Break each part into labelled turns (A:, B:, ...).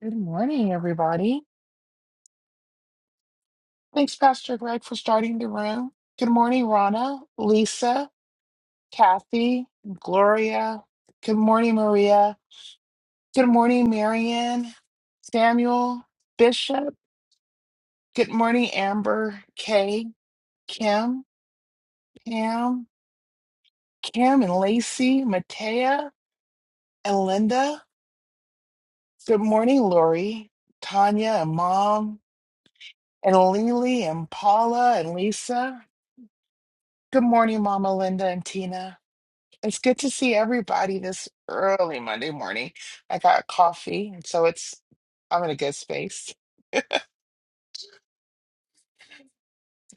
A: Good morning, everybody. Thanks, Pastor Greg, for starting the room. Good morning, Rana, Lisa, Kathy, Gloria. Good morning, Maria. Good morning, Marianne, Samuel, Bishop. Good morning, Amber, Kay, Kim, Pam, Kim and Lacey, Matea, and Linda. Good morning, Lori, Tanya, and Mom, and Lily, and Paula, and Lisa. Good morning, Mama Linda and Tina. It's good to see everybody this early Monday morning. I got coffee, and so it's I'm in a good space.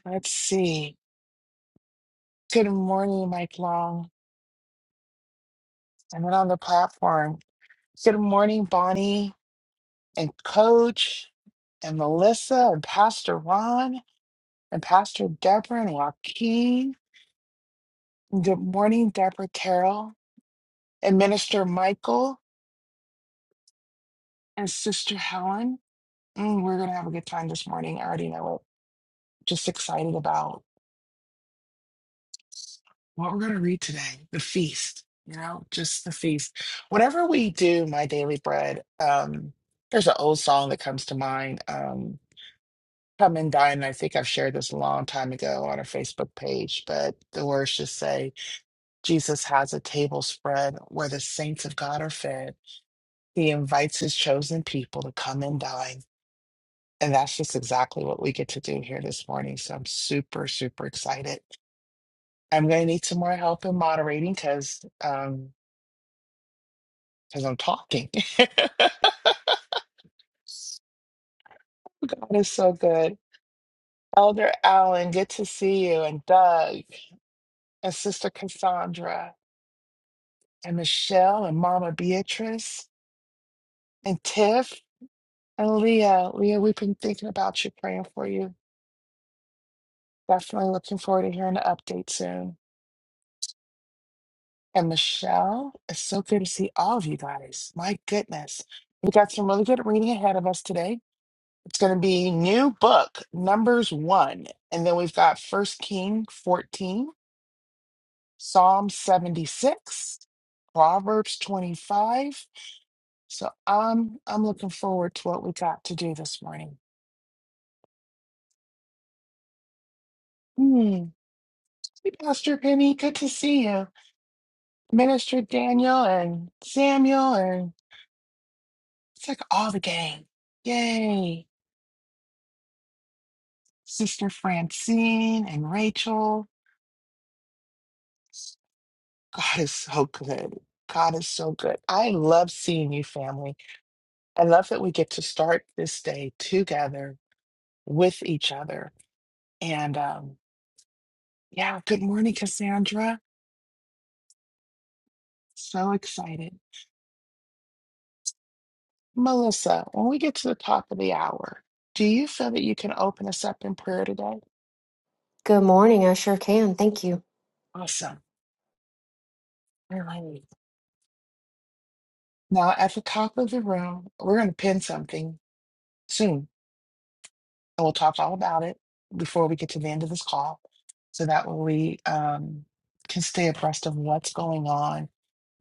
A: Let's see. Good morning, Mike Long. I'm not on the platform. Good morning, Bonnie and Coach and Melissa and Pastor Ron and Pastor Deborah and Joaquin. And Good morning, Deborah Terrell and Minister Michael and Sister Helen. Mm, we're gonna have a good time this morning. I already know it. Just excited about. what we're going to read today the feast you know just the feast whenever we do my daily bread um there's an old song that comes to mind um come and dine and i think i've shared this a long time ago on our facebook page but the words just say jesus has a table spread where the saints of god are fed he invites his chosen people to come and dine and that's just exactly what we get to do here this morning so i'm super super excited i'm going to need some more help in moderating because um, because I'm talking. God is so good. Elder Allen, good to see you, and Doug, and Sister Cassandra, and Michelle, and Mama Beatrice, and Tiff, and Leah. Leah, we've been thinking about you, praying for you. Definitely looking forward to hearing the update soon. And Michelle, it's so good to see all of you guys. My goodness. We've got some really good reading ahead of us today. It's going to be new book, Numbers 1. And then we've got First King 14. Psalm 76, Proverbs 25. So I'm I'm looking forward to what we got to do this morning. Hmm. Hey, Pastor Penny, good to see you. Minister Daniel and Samuel and it's like all the gang. Yay. Sister Francine and Rachel. God is so good. God is so good. I love seeing you, family. I love that we get to start this day together with each other. and. um, Yeah, good morning, Cassandra. So excited. Melissa, when we get to the top of the hour, do you feel that you can open us up in prayer today?
B: Good morning. I sure can. Thank you.
A: Awesome. All right. Now, at the top of the room, we're going to pin something soon. and we'll talk all about it before we get to the end of this call so that way we um, can stay abreast of what's going on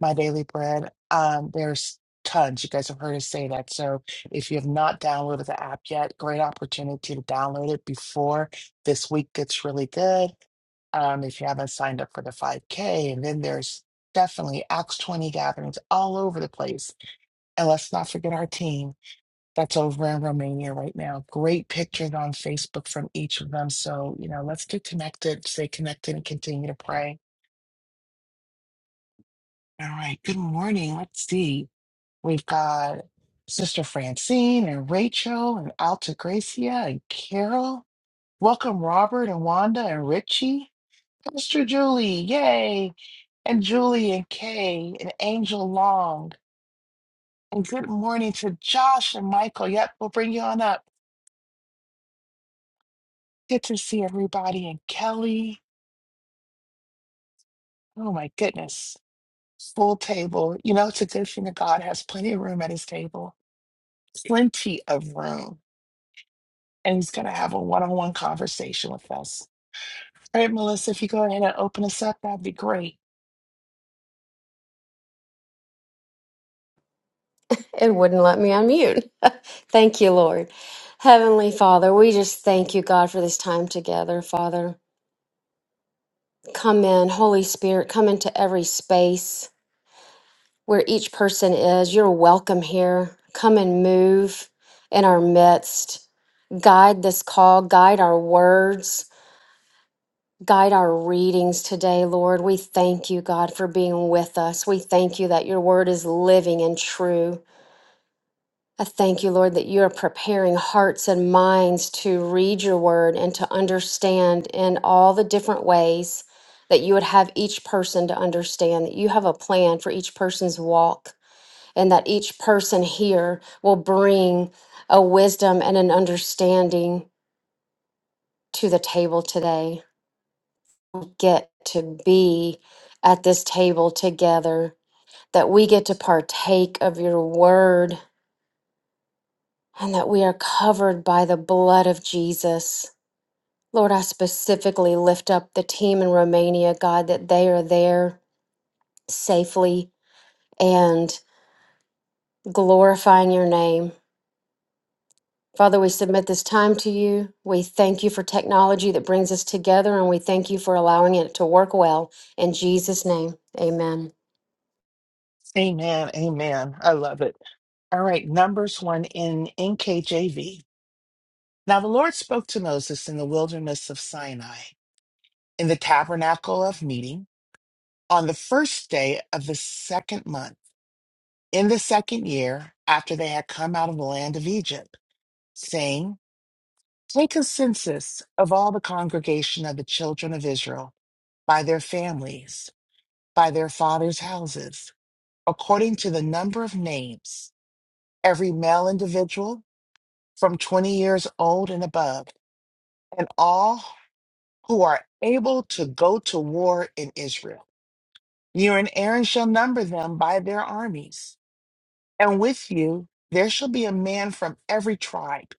A: my daily bread um, there's tons you guys have heard us say that so if you have not downloaded the app yet great opportunity to download it before this week gets really good um, if you haven't signed up for the 5k and then there's definitely acts 20 gatherings all over the place and let's not forget our team that's over in Romania right now. Great pictures on Facebook from each of them. So, you know, let's get connected, stay connected, and continue to pray. All right. Good morning. Let's see. We've got Sister Francine and Rachel and Alta Gracia and Carol. Welcome, Robert and Wanda and Richie. Pastor Julie, yay. And Julie and Kay and Angel Long. And good morning to Josh and Michael. Yep, we'll bring you on up. Good to see everybody and Kelly Oh my goodness. Full table. You know, it's a good thing that God has plenty of room at his table, plenty of room. And he's going to have a one on one conversation with us. All right, Melissa, if you go ahead and open us up, that'd be great.
B: It wouldn't let me unmute. thank you, Lord. Heavenly Father, we just thank you, God, for this time together. Father, come in. Holy Spirit, come into every space where each person is. You're welcome here. Come and move in our midst. Guide this call, guide our words. Guide our readings today, Lord. We thank you, God, for being with us. We thank you that your word is living and true. I thank you, Lord, that you are preparing hearts and minds to read your word and to understand in all the different ways that you would have each person to understand, that you have a plan for each person's walk, and that each person here will bring a wisdom and an understanding to the table today. Get to be at this table together, that we get to partake of your word, and that we are covered by the blood of Jesus Lord, I specifically lift up the team in Romania, God, that they are there safely and glorifying your name. Father, we submit this time to you. We thank you for technology that brings us together, and we thank you for allowing it to work well. In Jesus' name, amen.
A: Amen. Amen. I love it. All right, Numbers 1 in NKJV. Now the Lord spoke to Moses in the wilderness of Sinai, in the tabernacle of meeting, on the first day of the second month, in the second year after they had come out of the land of Egypt. saying, Take a census of all the congregation of the children of Israel by their families, by their fathers' houses, according to the number of names, every male individual from 20 years old and above, and all who are able to go to war in Israel. You and Aaron shall number them by their armies, and with you there shall be a man from every tribe,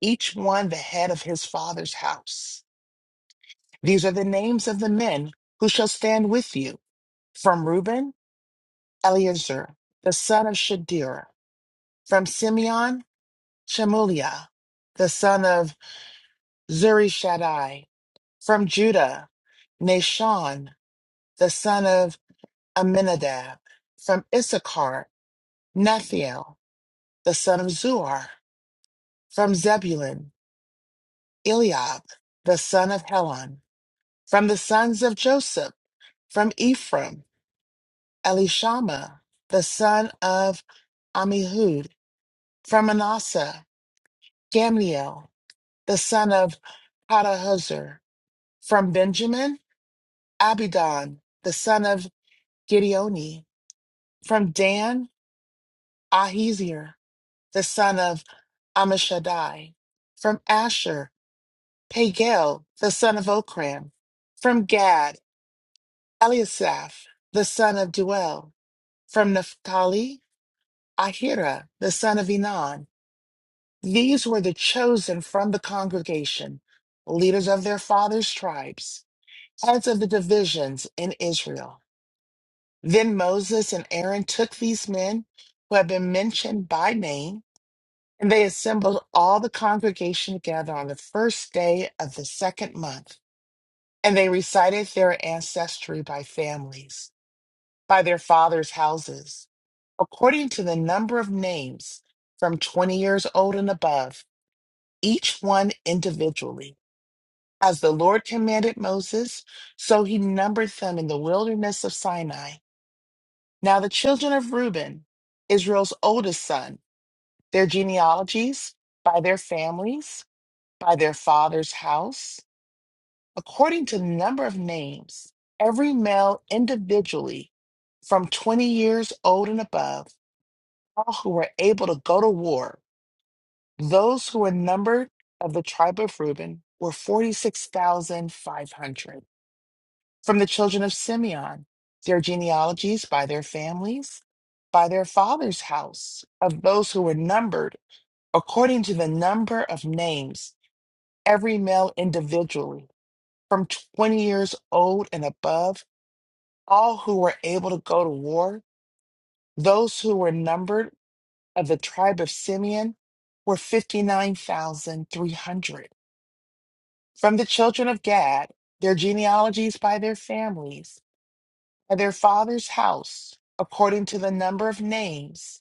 A: each one the head of his father's house. These are the names of the men who shall stand with you. From Reuben, Eleazar, the son of Shadir. From Simeon, Shemuliah, the son of Zurishaddai. From Judah, Nashon, the son of Aminadab. From Issachar, Nethiel, the son of Zuar. From Zebulun, Eliab, the son of Helon. From the sons of Joseph, from Ephraim, Elishama, the son of Amihud, from Manasseh, Gamliel, the son of Padahuzur, from Benjamin, Abidan, the son of Gideoni, from Dan, Ahizir, the son of Amishadai, from Asher, Pagel, the son of Okram, from Gad, Eliasaph, the son of Duel, from Naphtali, Ahira, the son of Enan, These were the chosen from the congregation, leaders of their fathers' tribes, heads of the divisions in Israel. Then Moses and Aaron took these men who had been mentioned by name, and they assembled all the congregation together on the first day of the second month. And they recited their ancestry by families, by their fathers' houses, according to the number of names from 20 years old and above, each one individually. as the Lord commanded Moses, so he numbered them in the wilderness of Sinai. Now, the children of Reuben, Israel's oldest son, their genealogies, by their families, by their father's house, according to the number of names, every male individually from 20 years old and above, all who were able to go to war, those who were numbered of the tribe of Reuben were 46,500. From the children of Simeon, their genealogies by their families, by their father's house, of those who were numbered according to the number of names, every male individually, from 20 years old and above, all who were able to go to war, those who were numbered of the tribe of Simeon were 59,300. From the children of Gad, their genealogies by their families, by their father's house, according to the number of names,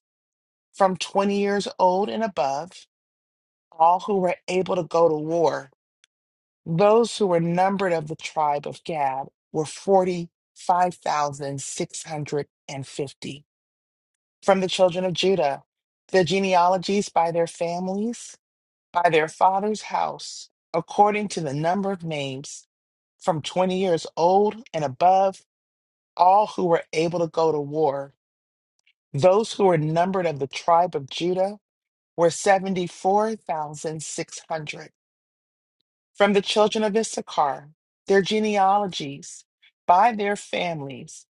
A: from 20 years old and above, all who were able to go to war. Those who were numbered of the tribe of Gad were 45,650. From the children of Judah, the genealogies by their families, by their father's house, according to the number of names, from 20 years old and above, all who were able to go to war Those who were numbered of the tribe of Judah were 74,600. From the children of Issachar, their genealogies, by their families,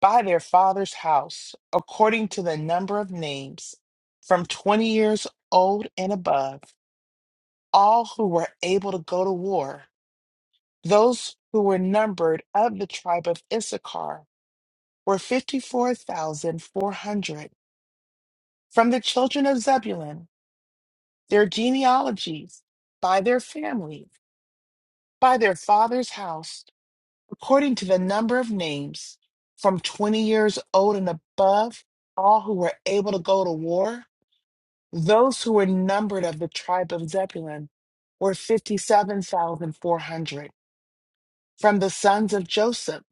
A: by their father's house, according to the number of names, from 20 years old and above, all who were able to go to war, those who were numbered of the tribe of Issachar were 54,400. From the children of Zebulun, their genealogies, by their family, by their father's house, according to the number of names, from 20 years old and above, all who were able to go to war, those who were numbered of the tribe of Zebulun were 57,400. From the sons of Joseph,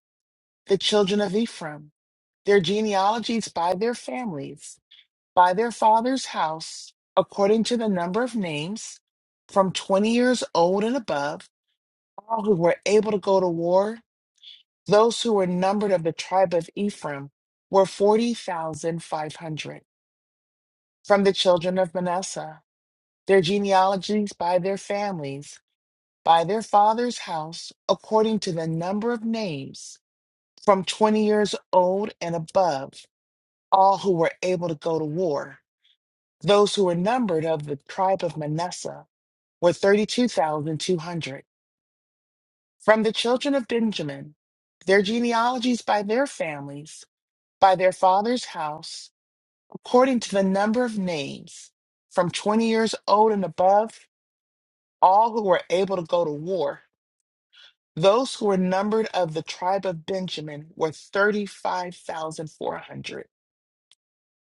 A: the children of Ephraim, their genealogies by their families, by their father's house, according to the number of names, from 20 years old and above, all who were able to go to war, those who were numbered of the tribe of Ephraim, were 40,500. From the children of Manasseh, their genealogies by their families, by their father's house, according to the number of names, from 20 years old and above, all who were able to go to war, those who were numbered of the tribe of Manasseh, were 32,200. From the children of Benjamin, their genealogies by their families, by their father's house, according to the number of names, from 20 years old and above, all who were able to go to war. Those who were numbered of the tribe of Benjamin were 35,400.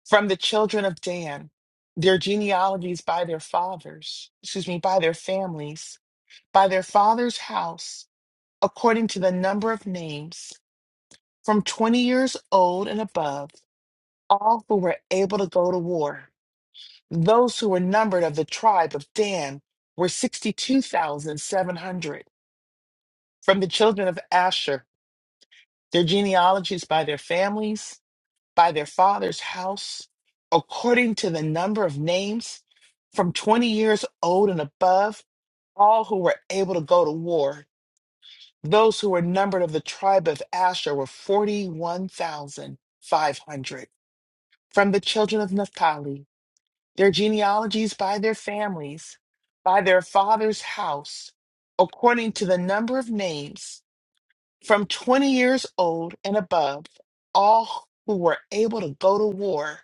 A: From the children of Dan, their genealogies by their fathers, excuse me, by their families, by their father's house, according to the number of names from 20 years old and above, all who were able to go to war. Those who were numbered of the tribe of Dan were 62,700. From the children of Asher, their genealogies by their families, by their father's house, according to the number of names, from 20 years old and above, all who were able to go to war. Those who were numbered of the tribe of Asher were 41,500. from the children of Naphtali, their genealogies by their families, by their father's house, according to the number of names, from 20 years old and above, all who were able to go to war.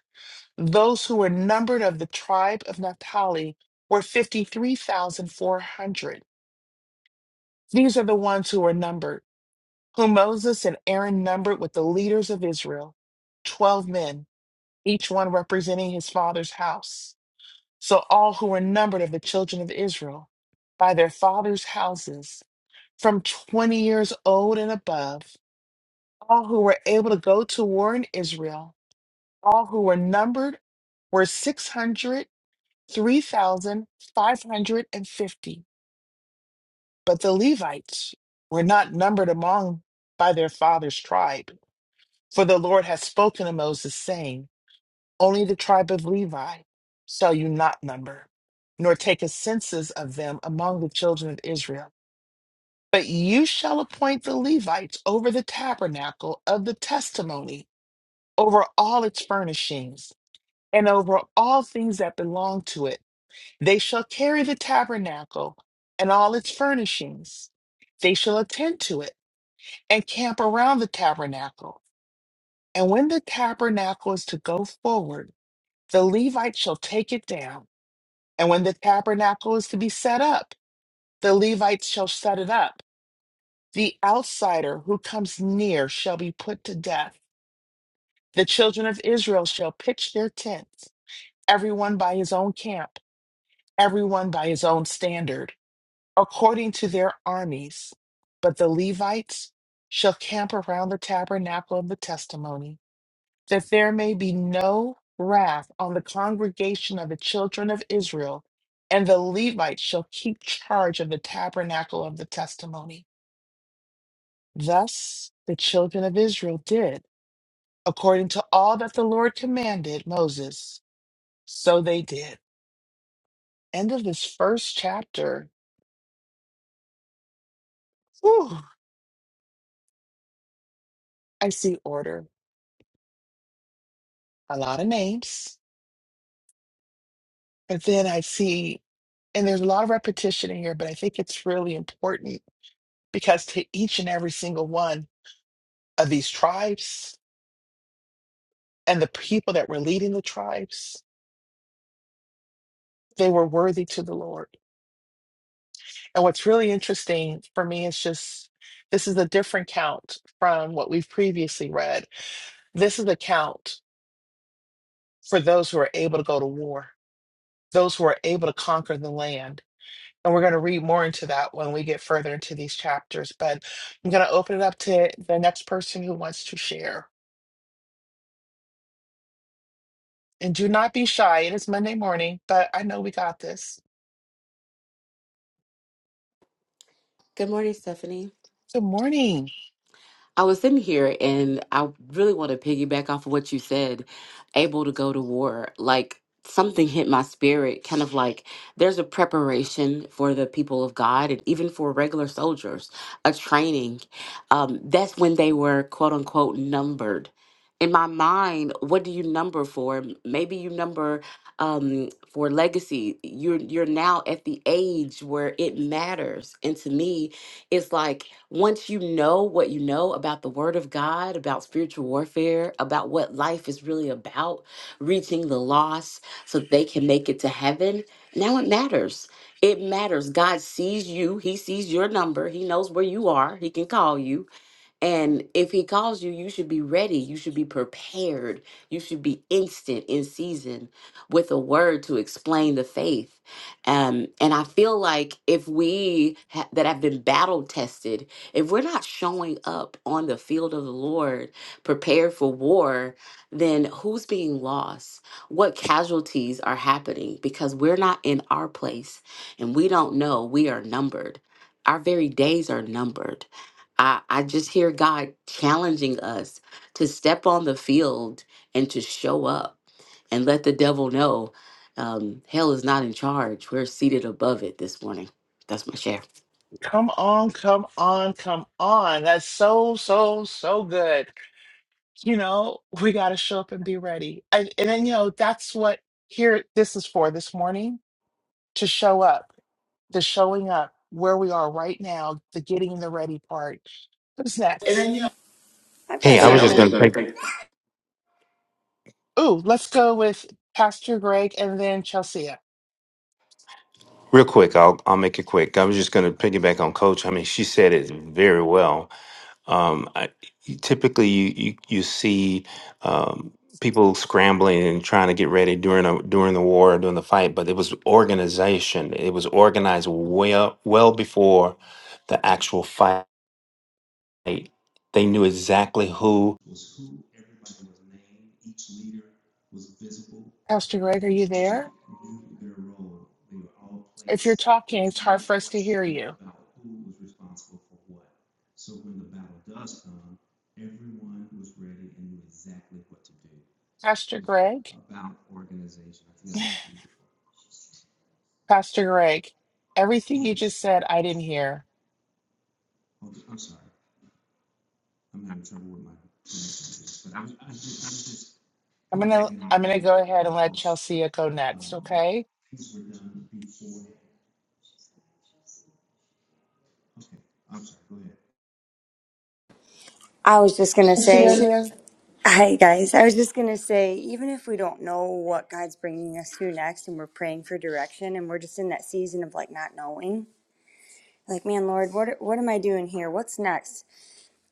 A: Those who were numbered of the tribe of Naphtali were 53,400. These are the ones who were numbered, whom Moses and Aaron numbered with the leaders of Israel, 12 men, each one representing his father's house. So all who were numbered of the children of Israel by their fathers' houses, from 20 years old and above, all who were able to go to war in Israel, all who were numbered were 603,550. But the Levites were not numbered among by their fathers' tribe, for the Lord had spoken to Moses, saying, Only the tribe of Levi shall you not number, nor take a census of them among the children of Israel. But you shall appoint the Levites over the tabernacle of the testimony, over all its furnishings, and over all things that belong to it. They shall carry the tabernacle and all its furnishings. They shall attend to it and camp around the tabernacle. And when the tabernacle is to go forward, the Levites shall take it down And when the tabernacle is to be set up, the Levites shall set it up. The outsider who comes near shall be put to death. The children of Israel shall pitch their tents, everyone by his own camp, everyone by his own standard, according to their armies. But the Levites shall camp around the tabernacle of the testimony that there may be no wrath on the congregation of the children of Israel, and the Levites shall keep charge of the tabernacle of the testimony. Thus the children of Israel did, according to all that the Lord commanded Moses. So they did. End of this first chapter. Whew, I see order, a lot of names, but then I see, and there's a lot of repetition in here, but I think it's really important because to each and every single one, of these tribes and the people that were leading the tribes, they were worthy to the Lord. And what's really interesting for me is just this is a different count from what we've previously read. This is a count for those who are able to go to war, those who are able to conquer the land. And we're going to read more into that when we get further into these chapters. But I'm going to open it up to the next person who wants to share. And do not be shy. It is Monday morning, but I know we got this.
C: Good morning, Stephanie.
A: Good morning.
C: I was sitting here and I really want to piggyback off of what you said, able to go to war. Like something hit my spirit, kind of like there's a preparation for the people of God and even for regular soldiers, a training. Um, that's when they were quote unquote numbered. In my mind, what do you number for? Maybe you number um, for legacy. You're you're now at the age where it matters, and to me, it's like once you know what you know about the Word of God, about spiritual warfare, about what life is really about, reaching the lost so that they can make it to heaven, now it matters. It matters. God sees you, He sees your number, He knows where you are, He can call you and if he calls you, you should be ready. You should be prepared. You should be instant in season with a word to explain the faith. Um, and I feel like if we ha- that have been battle tested, if we're not showing up on the field of the Lord prepared for war, then who's being lost? What casualties are happening? Because we're not in our place and we don't know we are numbered. Our very days are numbered. I, I just hear God challenging us to step on the field and to show up and let the devil know um, hell is not in charge. We're seated above it this morning. That's my share.
A: Come on, come on, come on. That's so, so, so good. You know, we got to show up and be ready. And, and then, you know, that's what here this is for this morning to show up, the showing up where we are right now, the getting the ready part. Who's next?
D: I've got
E: Hey, I
D: Hey,
E: was
D: I was
E: just
D: something.
E: going
D: just
E: to pick
D: gonna think.
A: Ooh, let's go with Pastor Greg and then Chelsea.
E: real quick. I'll I'll make it quick. I was just going to piggyback on Coach. I mean, she said it very well. Um, I, typically, you you, you see um, people scrambling and trying to get ready during a during the war, during the fight, but it was organization. It was organized well well before the actual fight. They they knew exactly who was who. Everybody was named. Each leader was visible,
A: Pastor Greg, are
E: and
A: you
E: they
A: there?
E: knew their role. They were all
A: If you're
E: placed. There
A: talking,
E: was
A: it's hard
E: no
A: for us to hear
E: question.
A: you. Pastor Greg? Pastor Greg, everything you just said, I didn't hear. I'm gonna I'm gonna go ahead and let Chelsea go next, okay?
D: I was just gonna say,
A: Chelsea,
D: Yeah.
A: I
D: hi guys. I was just gonna say, even if we don't know what God's bringing us to next, and we're praying for direction, and we're just in that season of like not knowing, like, man, Lord, what what am I doing here? What's next?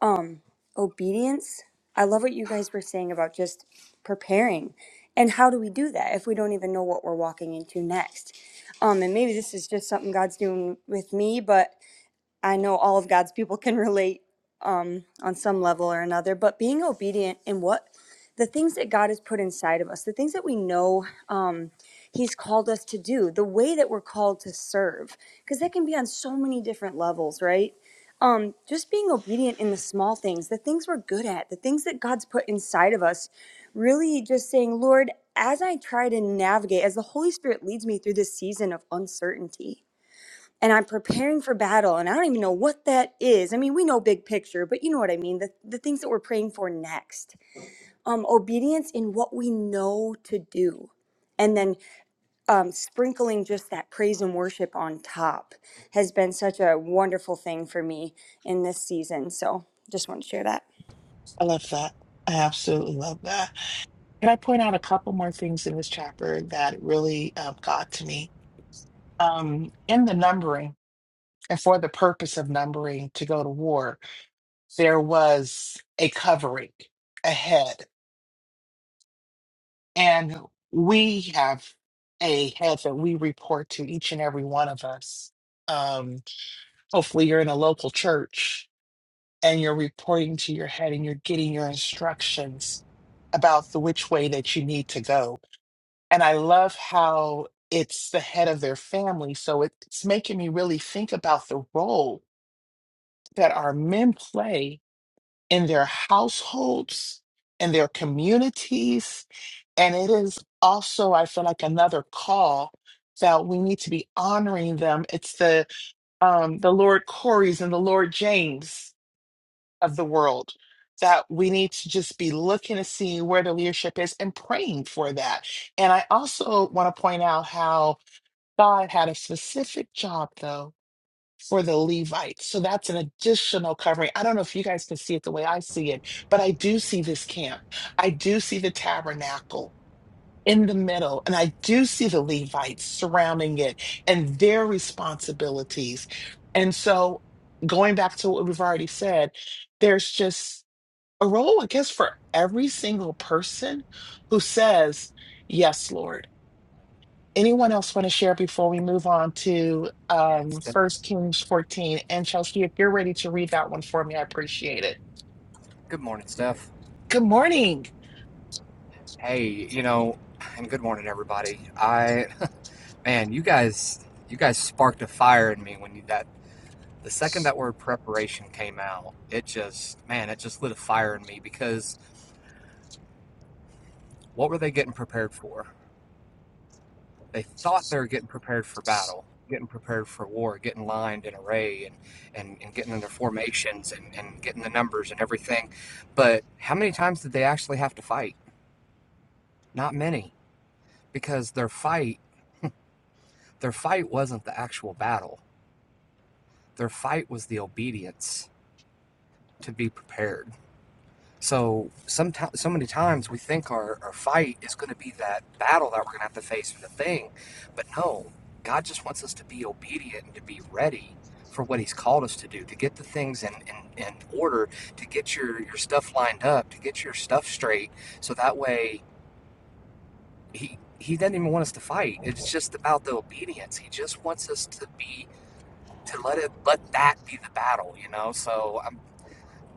D: Um, obedience. I love what you guys were saying about just preparing, and how do we do that if we don't even know what we're walking into next? Um, and maybe this is just something God's doing with me, but I know all of God's people can relate on some level or another, but being obedient in what the things that God has put inside of us, the things that we know um, He's called us to do, the way that we're called to serve, because that can be on so many different levels, right? Um, just being obedient in the small things, the things we're good at, the things that God's put inside of us, really just saying, Lord, as I try to navigate, as the Holy Spirit leads me through this season of uncertainty, and I'm preparing for battle and I don't even know what that is. I mean, we know big picture, but you know what I mean, the the things that we're praying for next. Um obedience in what we know to do. And then um, sprinkling just that praise and worship on top has been such a wonderful thing for me in this season. So just want to share that.
A: love that. I absolutely love that. Can I point out a couple more things in this chapter that really uh, got to me? Um, in the numbering, and for the purpose of numbering to go to war, there was a covering, a head, and we have a head that we report to each and every one of us. Um, Hopefully, you're in a local church and you're reporting to your head and you're getting your instructions about the which way that you need to go. And I love how it's the head of their family. So it's making me really think about the role that our men play in their households and their communities. And it is also, I feel like, another call that we need to be honoring them. It's the um, the Lord Corys and the Lord James of the world that we need to just be looking to see where the leadership is and praying for that. And I also want to point out how God had a specific job though for the Levites. So that's an additional covering. I don't know if you guys can see it the way I see it, but I do see this camp. I do see the tabernacle in the middle and I do see the Levites surrounding it and their responsibilities. And so going back to what we've already said, there's just a role, I guess, for every single person who says, Yes, Lord. Anyone else want to share before we move on to
F: Yeah,
A: um,
F: it's Steph.
A: 1 Kings 14? And Chelsea, if you're ready to read that one for me, I appreciate it.
F: Good morning, Steph.
A: Good morning.
F: Hey, you know, and good morning, everybody. I, man, you guys, you guys sparked a fire in me when you that the second that word preparation came out, it just, man, it just lit a fire in me because what were they getting prepared for? They thought they were getting prepared for battle, getting prepared for war, getting lined and array and, and, and getting in their formations and, and getting the numbers and everything. But how many times did they actually have to fight? Not many because their fight Their fight wasn't the actual battle. Their fight was the obedience to be prepared. So sometimes, so many times, we think our, our fight is going to be that battle that we're going to have to face for the thing, but no, God just wants us to be obedient and to be ready for what He's called us to do, to get the things in, in, in order, to get your, your stuff lined up, to get your stuff straight, so that way He He doesn't even want us to fight. It's just about the obedience. He just wants us to be to let it let that be the battle you know so i'm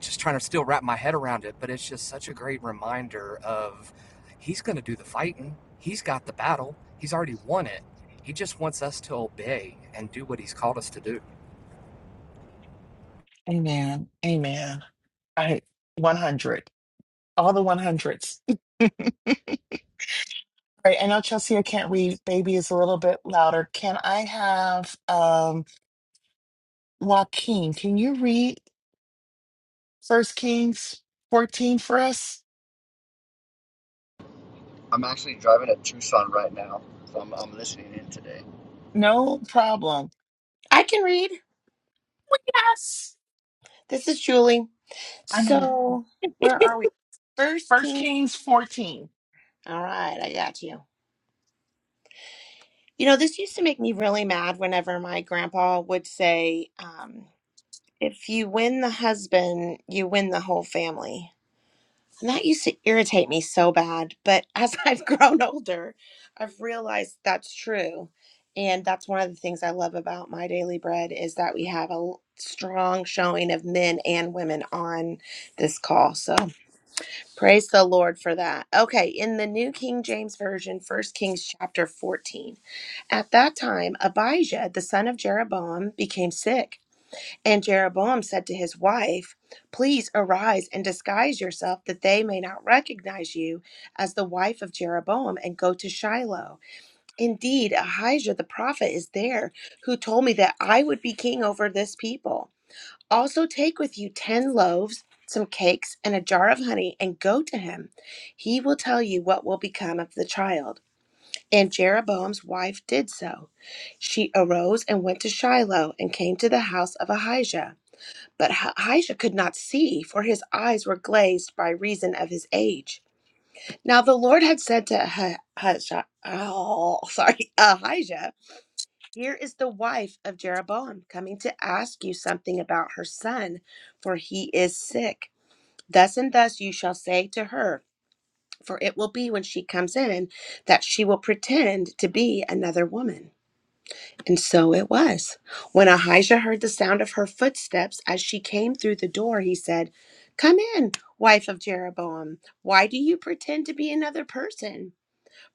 F: just trying to still wrap my head around it but it's just such a great reminder of he's going to do the fighting he's got the battle he's already won it he just wants us to obey and do what he's called us to do
A: Amen. Amen. I 100. All the 100s. All right. I know Chelsea, I can't read. Baby is a little bit louder. Can I have um, Joaquin? Can you read First Kings 14 for us?
G: I'm actually driving to Tucson right now, so I'm, I'm listening in today.
A: No problem.
H: I can read.
A: Yes.
H: This is Julie.
A: I know.
H: So, where are we? First
A: First
H: Kings.
A: Kings 14.
H: All right, I got you. You know, this used to make me really mad whenever my grandpa would say, um, if you win the husband, you win the whole family. And that used to irritate me so bad. But as I've grown older, I've realized that's true. And that's one of the things I love about my daily bread is that we have a l- strong showing of men and women on this call. So, Praise the Lord for that. Okay, in the New King James Version, First Kings chapter 14. At that time, Abijah, the son of Jeroboam, became sick, and Jeroboam said to his wife, Please arise and disguise yourself that they may not recognize you as the wife of Jeroboam and go to Shiloh. Indeed, Ahijah the prophet is there, who told me that I would be king over this people. Also, take with you 10 loaves, some cakes, and a jar of honey, and go to him. He will tell you what will become of the child. And Jeroboam's wife did so. She arose and went to Shiloh and came to the house of Ahijah. But Ahijah could not see, for his eyes were glazed by reason of his age. Now the Lord had said to Ahijah, oh, sorry, Ahijah, here is the wife of Jeroboam coming to ask you something about her son, for he is sick. Thus and thus you shall say to her, for it will be when she comes in that she will pretend to be another woman. And so it was. When Ahijah heard the sound of her footsteps as she came through the door, he said, Come in, wife of Jeroboam. Why do you pretend to be another person?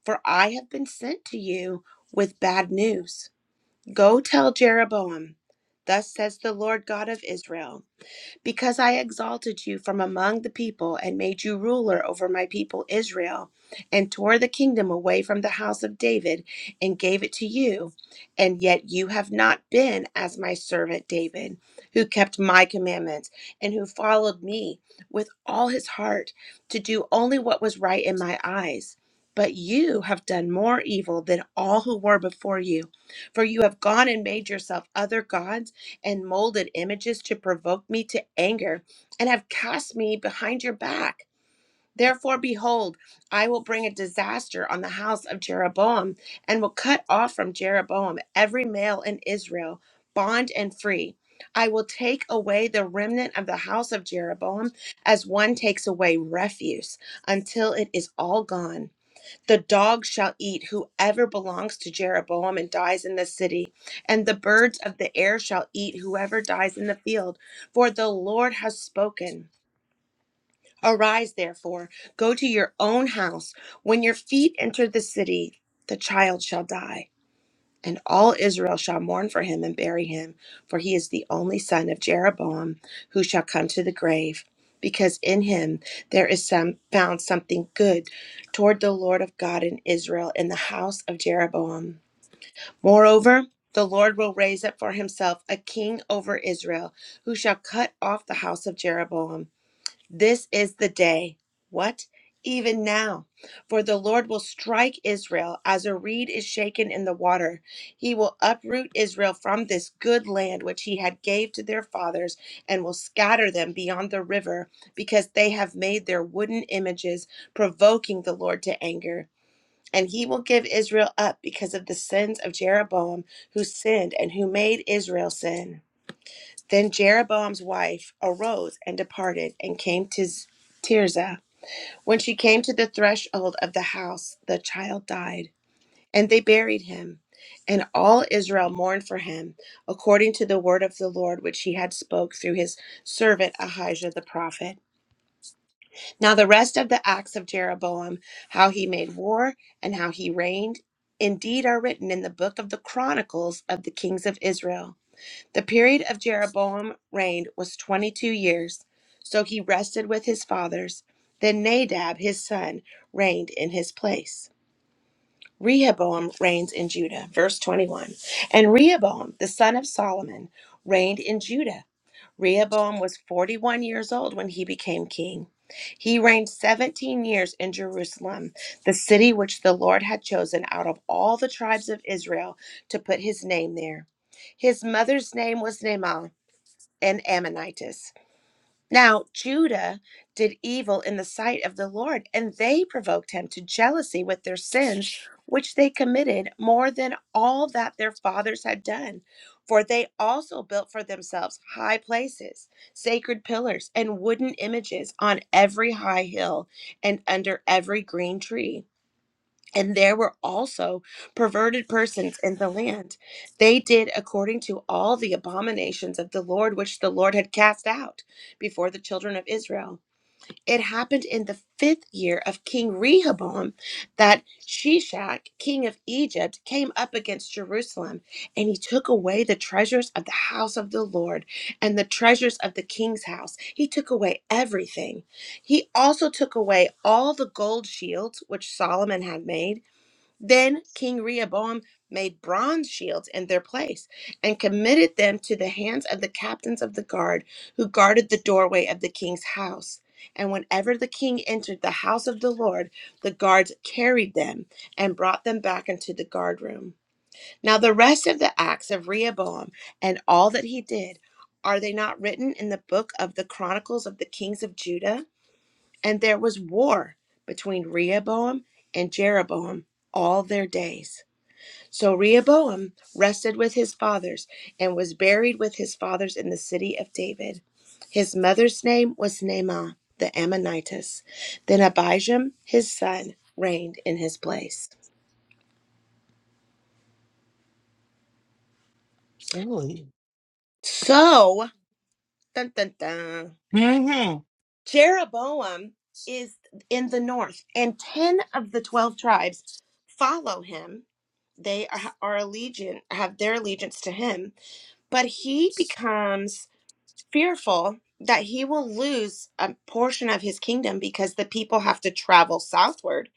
H: For I have been sent to you with bad news. Go tell Jeroboam, Thus says the Lord God of Israel. Because I exalted you from among the people and made you ruler over my people Israel, and tore the kingdom away from the house of David and gave it to you. And yet you have not been as my servant David, who kept my commandments and who followed me with all his heart to do only what was right in my eyes. But you have done more evil than all who were before you, for you have gone and made yourself other gods and molded images to provoke me to anger, and have cast me behind your back. Therefore, behold, I will bring a disaster on the house of Jeroboam, and will cut off from Jeroboam every male in Israel, bond and free. I will take away the remnant of the house of Jeroboam as one takes away refuse until it is all gone. The dog shall eat whoever belongs to Jeroboam and dies in the city, and the birds of the air shall eat whoever dies in the field, for the Lord has spoken. Arise, therefore, go to your own house. When your feet enter the city, the child shall die. And all Israel shall mourn for him and bury him, for he is the only son of Jeroboam who shall come to the grave, because in him there is some found something good toward the Lord of God in Israel in the house of Jeroboam. Moreover, the Lord will raise up for himself a king over Israel, who shall cut off the house of Jeroboam. This is the day. What? Even now. For the Lord will strike Israel as a reed is shaken in the water. He will uproot Israel from this good land which he had gave to their fathers and will scatter them beyond the river because they have made their wooden images provoking the Lord to anger. And he will give Israel up because of the sins of Jeroboam who sinned and who made Israel sin. Then Jeroboam's wife arose and departed and came to Tirzah. When she came to the threshold of the house, the child died, and they buried him. And all Israel mourned for him, according to the word of the Lord which he had spoke through his servant Ahijah the prophet. Now the rest of the acts of Jeroboam, how he made war and how he reigned, indeed are written in the book of the chronicles of the kings of Israel. The period of Jeroboam's reign was twenty two years, so he rested with his fathers. Then Nadab his son reigned in his place. Rehoboam reigns in Judah. Verse 21. And Rehoboam, the son of Solomon, reigned in Judah. Rehoboam was 41 years old when he became king. He reigned 17 years in Jerusalem, the city which the Lord had chosen out of all the tribes of Israel to put his name there. His mother's name was Naamah and Ammonitis. Now, Judah did evil in the sight of the Lord, and they provoked him to jealousy with their sins, which they committed more than all that their fathers had done. For they also built for themselves high places, sacred pillars, and wooden images on every high hill and under every green tree. And there were also perverted persons in the land. They did according to all the abominations of the Lord, which the Lord had cast out before the children of Israel. It happened in the fifth year of King Rehoboam that Shishak, king of Egypt, came up against Jerusalem, and he took away the treasures of the house of the Lord and the treasures of the king's house. He took away everything. He also took away all the gold shields which Solomon had made then King Rehoboam made bronze shields in their place and committed them to the hands of the captains of the guard who guarded the doorway of the king's house. And whenever the king entered the house of the Lord, the guards carried them and brought them back into the guard room. Now, the rest of the acts of Rehoboam and all that he did, are they not written in the book of the Chronicles of the Kings of Judah? And there was war between Rehoboam and Jeroboam all their days. So Rehoboam rested with his fathers and was buried with his fathers in the city of David. His mother's name was Naamah the Ammonitess. Then Abijam, his son, reigned in his place.
A: Really?
H: So, dun, dun, dun,
A: Mm-hmm.
H: Jeroboam is in the north, and 10 of the 12 tribes follow him. They are, are allegiant, have their allegiance to him, but he becomes fearful that he will lose a portion of his kingdom because the people have to travel southward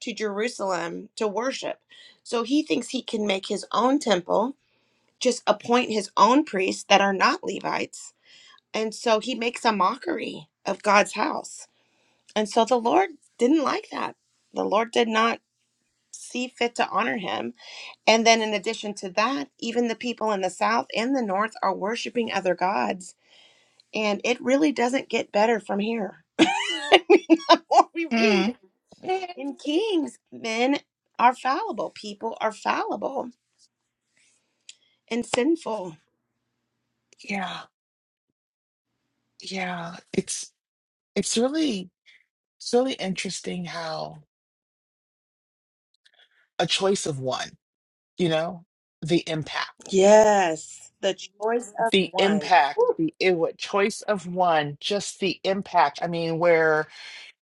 H: to Jerusalem to worship. So he thinks he can make his own temple, just appoint his own priests that are not Levites. And so he makes a mockery of God's house. And so the Lord didn't like that. The Lord did not see fit to honor him. And then, in addition to that, even the people in the south and the north are worshiping other gods and it really doesn't get better from here. I mean, the more we read
A: Mm. Eh,
H: in Kings, men are fallible, people are fallible and sinful.
A: Yeah. Yeah. It's it's really it's really interesting how a choice of one, you know, the impact.
H: Yes, the choice of
A: The
H: one.
A: impact, the it, what choice of one, just the impact. I mean, where,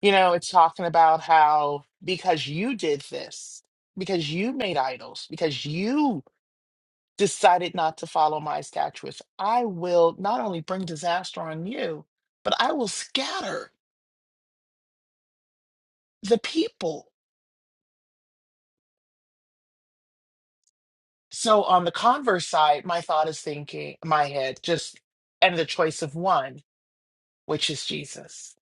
A: you know, it's talking about how because you did this, because you made idols, because you decided not to follow my statutes, I will not only bring disaster on you, but I will scatter the people. So on the converse side, my thought is thinking, my head just, and the choice of one, which is Jesus,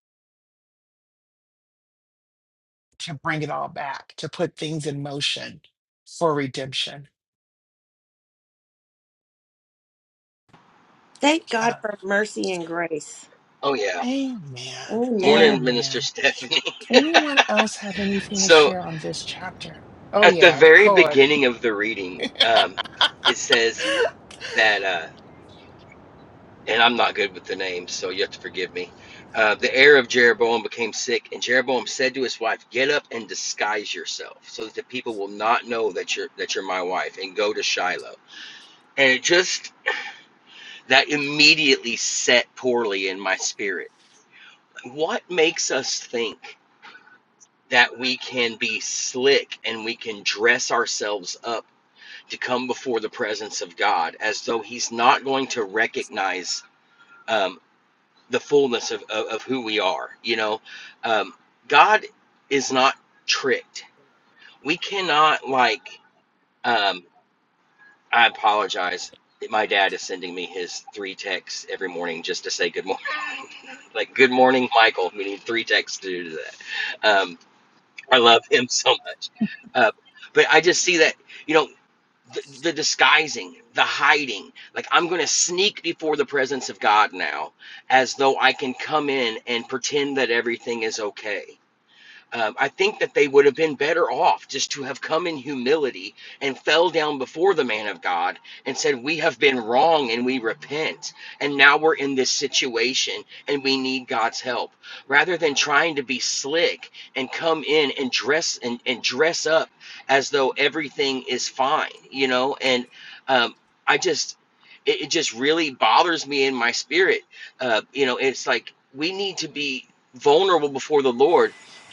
A: to bring it all back, to put things in motion for redemption.
H: Thank God
A: Yeah.
H: for mercy and grace.
I: Oh, yeah.
A: Amen.
H: Amen.
I: Morning, Minister
A: Amen.
I: Stephanie.
A: Anyone else have anything to
I: So,
A: share on this chapter? Oh
I: at the
A: yeah,
I: very
A: Cody.
I: beginning of the reading, um, it says that, uh, and I'm not good with the names, so you have to forgive me. Uh, the heir of Jeroboam became sick, and Jeroboam said to his wife, "Get up and disguise yourself, so that the people will not know that you're that you're my wife, and go to Shiloh." And it just that immediately set poorly in my spirit. What makes us think? that we can be slick and we can dress ourselves up to come before the presence of God as though He's not going to recognize um, the fullness of, of, of who we are. You know, um, God is not tricked. We cannot, like, um, I apologize. My dad is sending me his three texts every morning just to say good morning. like, good morning, Michael. We need three texts to do that. Um, I love him so much. Uh, but I just see that, you know, the, the disguising, the hiding. Like, I'm going to sneak before the presence of God now as though I can come in and pretend that everything is okay. Um, I think that they would have been better off just to have come in humility and fell down before the man of God and said, We have been wrong and we repent. And now we're in this situation and we need God's help. Rather than trying to be slick and come in and dress and, and dress up as though everything is fine, you know? And um, I just, it, it just really bothers me in my spirit. Uh, you know, it's like we need to be vulnerable before the Lord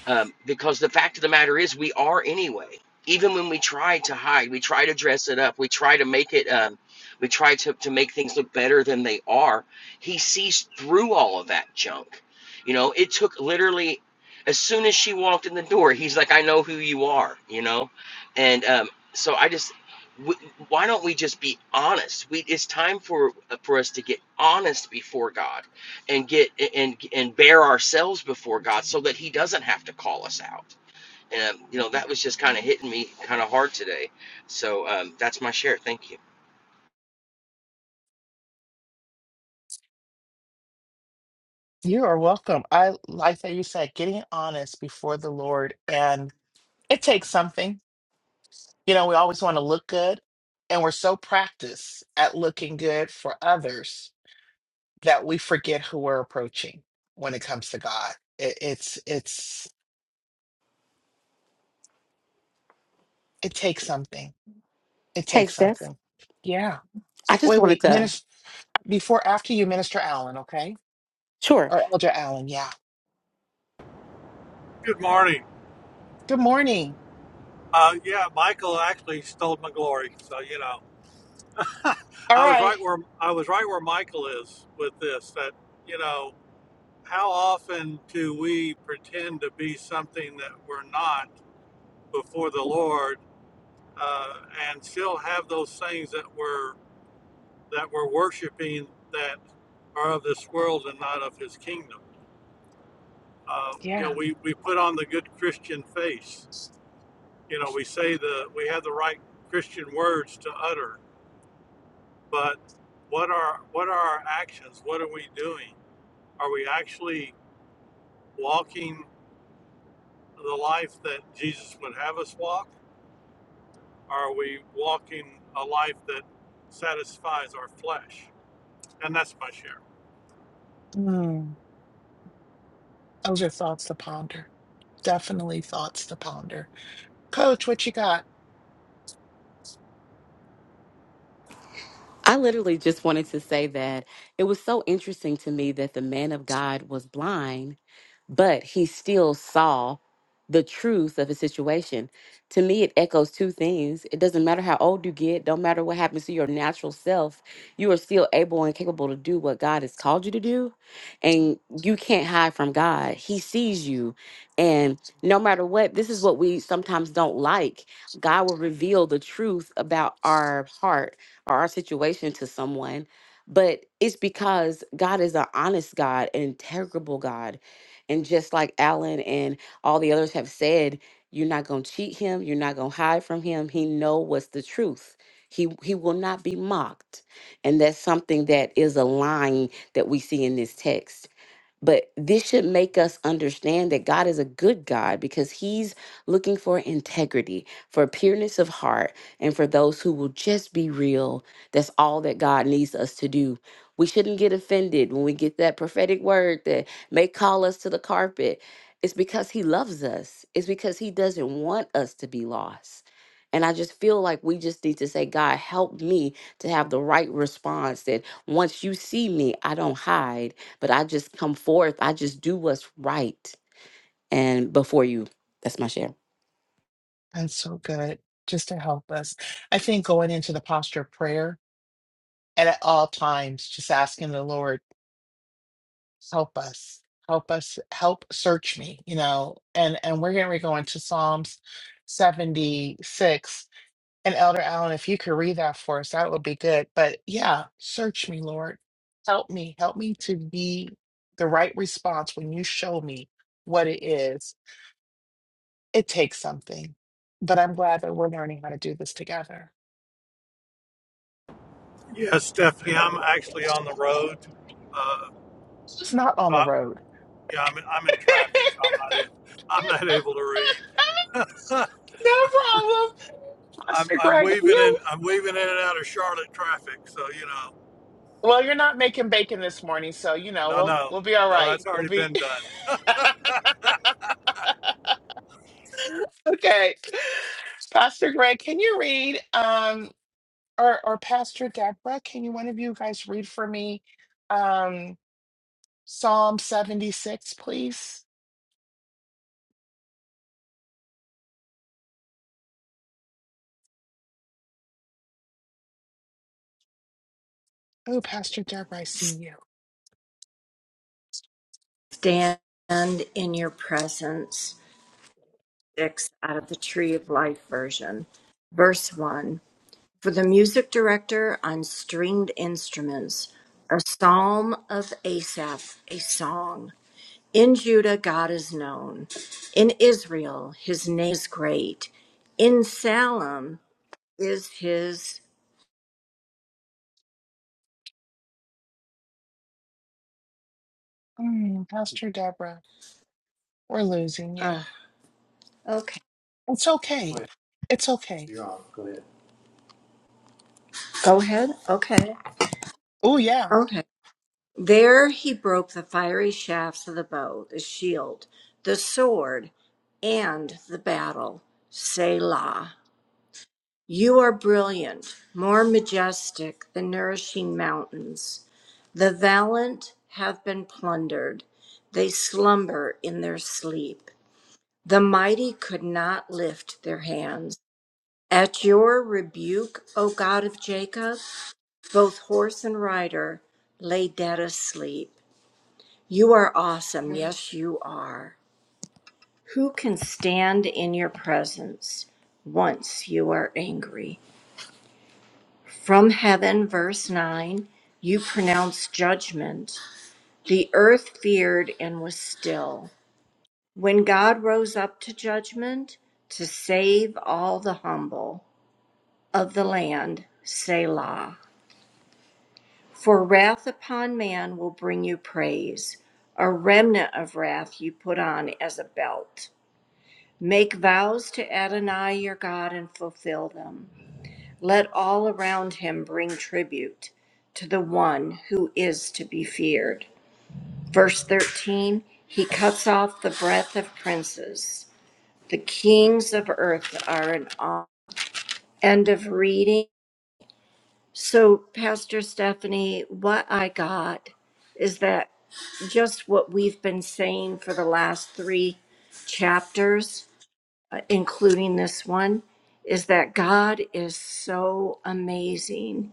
I: um, because the fact of the matter is, we are anyway. Even when we try to hide, we try to dress it up, we try to make it, um, we try to, to make things look better than they are. He sees through all of that junk. You know, it took literally, as soon as she walked in the door, he's like, I know who you are, you know? And um, so I just, w why don't we just be honest? We, it's time for, uh, for us to get honest before God and get and and bear ourselves before God so that he doesn't have to call us out. And you know that was just kind of hitting me kind of hard today. So um, that's my share. Thank you,
A: You are welcome. I like that you said getting honest before the Lord, and it takes something. You know, we always want to look good, and we're so practiced at looking good for others that we forget who we're approaching when it comes to God. It, it's it's it takes something. It
C: Hey,
A: takes
C: Steph.
A: something. Yeah.
C: I just
A: Wait,
C: wanted
A: wait.
C: to,
A: Minister, before after you, Minister Allen, okay,
C: sure.
A: or Elder Allen. Yeah.
J: Good morning.
A: Good morning.
J: Uh, yeah, Michael actually stole my glory. So you know,
A: All
J: I was
A: right.
J: right where I was right where Michael is with this. That you know, how often do we pretend to be something that we're not before the Lord, uh, and still have those things that we're that we're worshiping that are of this world and not of His kingdom. Uh, you know,
A: Yeah.
J: we we put on the good Christian face. You know, we say the we have the right Christian words to utter but what are what are our actions what are we doing are we actually walking the life that jesus would have us walk are we walking a life that satisfies our flesh and that's my share
A: Mm, those are thoughts to ponder. Definitely thoughts to ponder. Coach, what you got?
C: I literally just wanted to say that it was so interesting to me that the man of God was blind but he still saw the truth of his situation. To me, it echoes two things. It doesn't matter how old you get, don't matter what happens to your natural self, you are still able and capable to do what God has called you to do. And you can't hide from God. He sees you. And no matter what, this is what we sometimes don't like. God will reveal the truth about our heart or our situation to someone. But it's because God is an honest God, an integrable God and just like Alan and all the others have said, you're not going to cheat him. You're not going to hide from him. He know what's the truth. He, he will not be mocked. And that's something that is a line that we see in this text but this should make us understand that God is a good God because He's looking for integrity, for pureness of heart, and for those who will just be real. That's all that God needs us to do. We shouldn't get offended when we get that prophetic word that may call us to the carpet. It's because He loves us, it's because He doesn't want us to be lost. And I just feel like we just need to say, God, help me to have the right response that once you see me, I don't hide but I just come forth. I just do what's right. And before you, that's my share.
A: That's so good. Just to help us. I think going into the posture of prayer and at all times, just asking the Lord, help us, help us, help search me, you know, and, and we're getting ready to go into Psalms 76 And Elder Allen, if you could read that for us, that would be good. But yeah, search me, Lord. Help me. Help me to be the right response when you show me what it is. It takes something. But I'm glad that we're learning how to do this together.
J: yes stephanie i'm actually on the road uh,
A: It's not on the
J: but
A: road.
J: yeah I'm, in, I'm in traffic so i'm not in, i'm not able to read
A: no problem.
J: I'm,
A: Pastor
J: I'm
A: Greg, are
J: weaving in
A: you
J: i'm weaving in and out of charlotte traffic so you know
A: well, you're not making bacon this morning, so you know,
J: no
A: we'll
J: no
A: we'll be all
J: no that's
A: right. We'll
J: already
A: be
J: been done
A: okay. Pastor Greg, can you read? Um or or Pastor Deborah, can you one of you guys read for me um Psalm 76, please? Oh, Pastor Deborah, I see you.
K: Stand in your presence, six out of the Tree of Life version. Verse one For the music director on stringed instruments, a psalm of Asaph, a song. In Judah, God is known. In Israel, his name is great. In Salem is his.
A: Mm, Pastor Deborah, we're losing you.
K: Uh, okay.
A: It's okay. It's okay.
K: Go ahead. Okay.
A: Oh yeah.
K: Okay. There he broke the fiery shafts of the bow, the shield, the sword, and the battle. Selah. You are brilliant, more majestic than nourishing mountains. The valiant have been plundered. They slumber in their sleep. The mighty could not lift their hands. At your rebuke, O God of Jacob, both horse and rider lay dead asleep. You are awesome. Yes, you are. Who can stand in your presence once you are angry? From heaven, verse 9, you pronounced judgment. The earth feared and was still. When God rose up to judgment to save all the humble of the land, Selah. For wrath upon man will bring you praise, a remnant of wrath you put on as a belt. Make vows to Adonai your God and fulfill them. Let all around him bring tribute to the one who is to be feared. Verse 13 He cuts off the breath of princes. The kings of earth are in awe. End of reading. So, Pastor Stephanie, what I got is that just what we've been saying for the last three chapters uh, including this one, is that God is so amazing.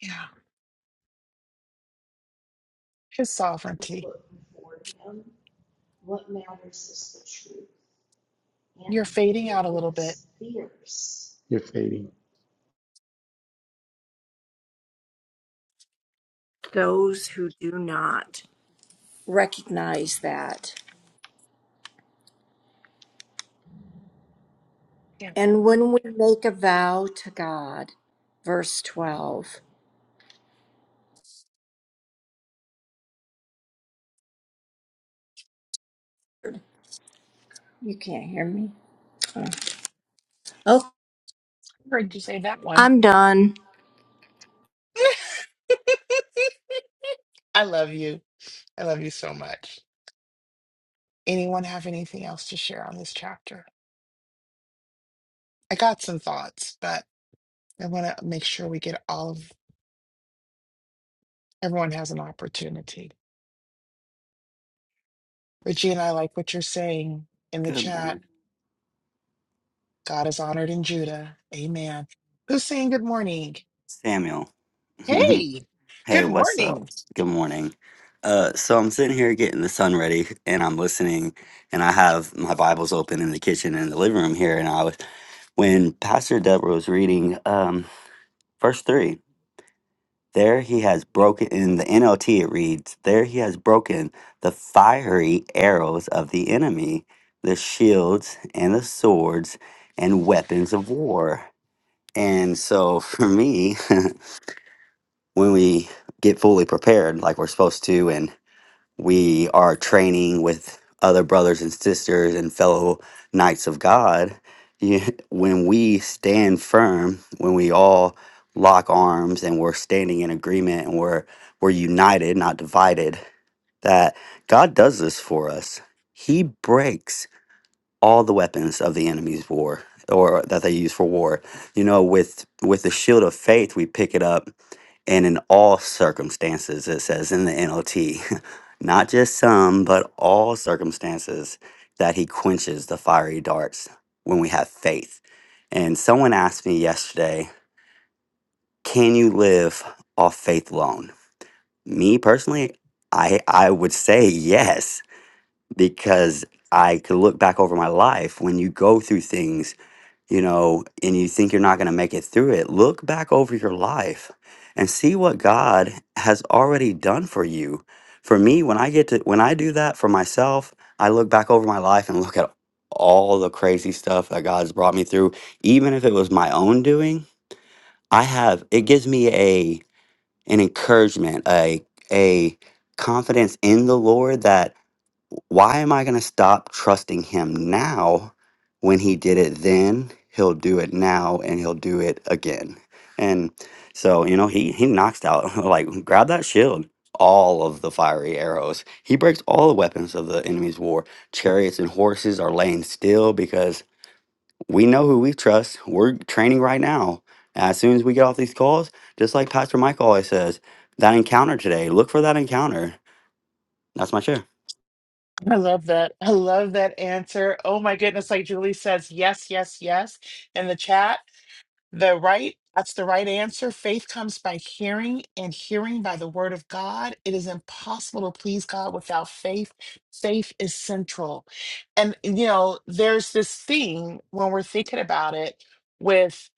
A: Yeah. His sovereignty. You're fading out a little bit.
K: Those who do not recognize that.
A: Yeah.
K: And when we make a vow to God, verse 12, you can't hear me. Oh, Oh,
A: I heard you say that one.
K: I'm done.
A: I love you. I love you so much. Anyone have anything else to share on this chapter? I got some thoughts, but. I want to make sure we get all of everyone has an opportunity. Regina, I like what you're saying in the
L: Good
A: chat.
L: morning,
A: God is honored in Judah. Amen. Who's saying good morning?
L: Samuel.
A: Hey,
L: hey,
A: good
L: what's up?
A: morning.
L: Good morning. Uh, so I'm sitting here getting the sun ready, and I'm listening, and I have my Bibles open in the kitchen and the living room here. And I was when Pastor Deborah was reading um, verse three. There he has broken in the NLT. It reads, "There he has broken the fiery arrows of the enemy, the shields and the swords and weapons of war." And so for me. when we get fully prepared like we're supposed to and we are training with other brothers and sisters and fellow knights of God, you- when we stand firm, when we all lock arms and we're standing in agreement and we're we're united, not divided, that God does this for us. He breaks all the weapons of the enemy's war or that they use for war. You know, with with the shield of faith, we pick it up and in all circumstances, it says in the NLT, not just some, but all circumstances, that he quenches the fiery darts when we have faith. And someone asked me yesterday, can you live off faith alone? Me personally, I, I would say yes, because I could look back over my life when you go through things you know, and you think you're not going to make it through it, look back over your life and see what God has already done for you. For me, when I get to when I do that for myself, I look back over my life and look at all the crazy stuff that God's brought me through, even if it was my own doing. I have it gives me a an encouragement, a a confidence in the Lord that why am I going to stop trusting him now when he did it then? He'll do it now and he'll do it again. And so, you know, he he knocks out like grab that shield, all of the fiery arrows. He breaks all the weapons of the enemy's war. Chariots and horses are laying still because we know who we trust. We're training right now. As soon as we get off these calls, just like Pastor Mike always says, that encounter today, look for that encounter. That's my share.
A: I love that. I love that answer. Oh my goodness. Like Julie says, yes, yes, yes in the chat. The right, that's the right answer. Faith comes by hearing, and hearing by the word of God. It is impossible to please God without faith. Faith is central. And, you know, there's this thing when we're thinking about it with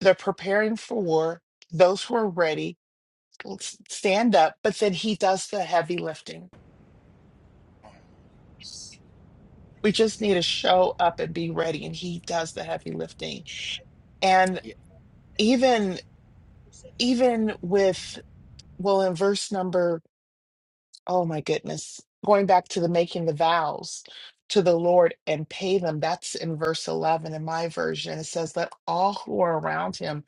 A: the preparing for war, those who are ready will s- stand up, but then he does the heavy lifting. We just need to show up and be ready, and he does the heavy lifting. And
F: yeah,
A: even even with well in verse number Oh my goodness. Going back to the making the vows to the Lord and pay them. That's in verse 11 in my version. It says, Let all who are around him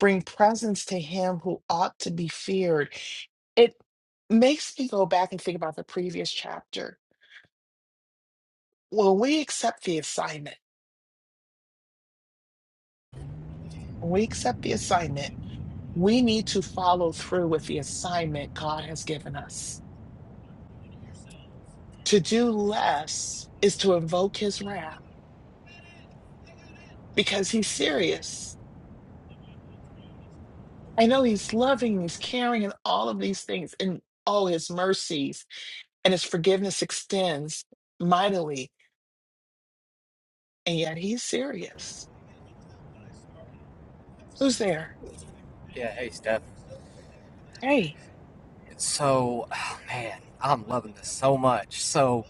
A: bring presents to him who ought to be feared. It makes me go back and think about the previous chapter. When we accept the assignment, when we accept the assignment, we need to follow through with the assignment God has given us. To do less is to invoke his wrath because he's serious I know he's loving, he's caring, and all of these things. And all his mercies and his forgiveness extends mightily. And yet he's serious. Who's there?
F: yeah hey steph
A: Hey,
F: so oh, man i'm loving this so much so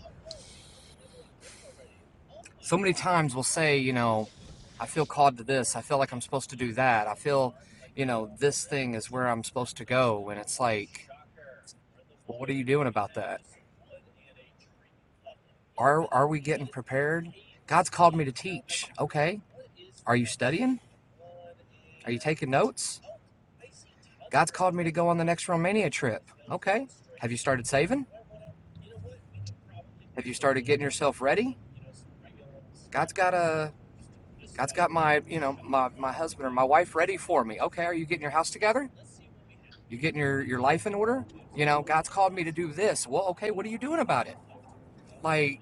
F: so many times we'll say, you know, I feel called to this. I feel like I'm supposed to do that. I feel, you know, this thing is where I'm supposed to go. And it's like, well, what are you doing about that? Are are we getting prepared? God's called me to teach. Okay. Are you studying? Are you taking notes? God's called me to go on the next Romania trip. Okay. Have you started saving? Have you started getting yourself ready? God's got a God's got my, you know, my, my husband or my wife ready for me. Okay, are you getting your house together? You getting your your life in order? You know, God's called me to do this. Well, okay, what are you doing about it? Like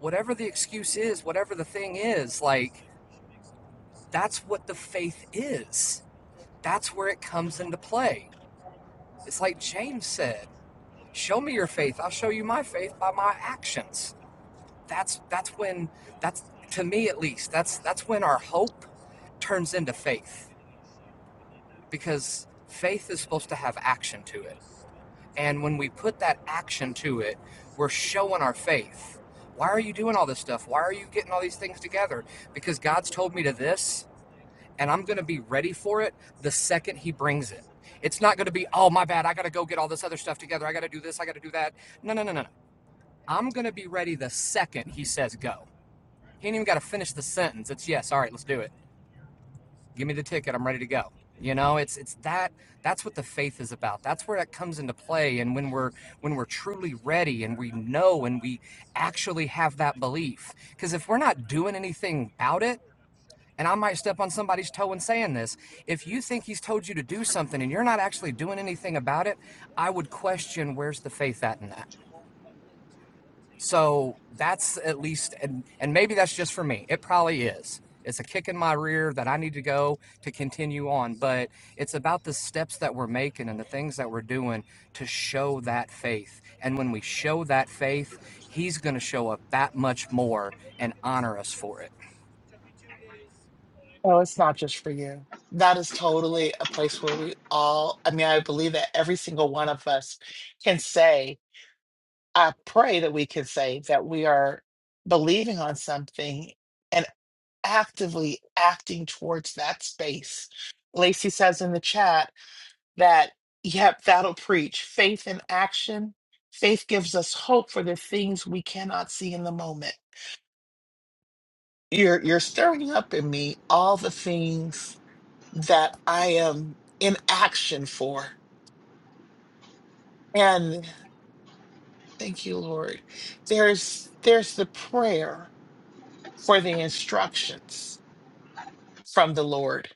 F: whatever the excuse is, whatever the thing is, like that's what the faith is. That's where it comes into play. It's like James said, "Show me your faith. I'll show you my faith by my actions." That's that's when that's to me at least. That's that's when our hope turns into faith because faith is supposed to have action to it And when we put that action to it, we're showing our faith. Why are you doing all this stuff? Why are you getting all these things together? Because God's told me to this, and I'm going to be ready for it the second He brings it. It's not going to be, oh, my bad. I got to go get all this other stuff together. I got to do this. I got to do that. No, no, no, no, no. I'm going to be ready the second He says go. He ain't even got to finish the sentence. It's yes. All right, let's do it give me the ticket i'm ready to go you know it's it's that that's what the faith is about that's where that comes into play and when we're when we're truly ready and we know and we actually have that belief because if we're not doing anything about it and i might step on somebody's toe in saying this if you think he's told you to do something and you're not actually doing anything about it i would question where's the faith at in that so that's at least, and and maybe that's just for me. It probably is. It's a kick in my rear that I need to go to continue on, but it's about the steps that we're making and the things that we're doing to show that faith. And when we show that faith, He's going to show up that much more and honor us for it.
A: no, it's not just for you. That is totally a place where we all, I mean, I believe that every single one of us can say, I pray that we can say that we are believing on something and actively acting towards that space. Lacey says in the chat, that, yep, that'll preach faith in action. Faith gives us hope for the things we cannot see in the moment. You're you're stirring up in me all the things that I am in action for. And thank you, Lord. There's there's the prayer for the instructions from the Lord.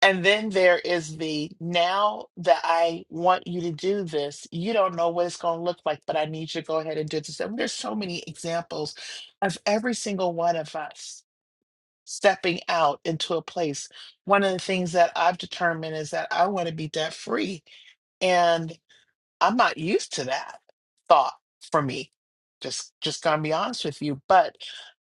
A: And then there is the now that I want you to do this, you don't know what it's going to look like, but I need you to go ahead and do this. And there's so many examples of every single one of us stepping out into a place. One of the things that I've determined is that I want to be debt free. and. I'm not used to that thought for me. Just just gonna be honest with you. But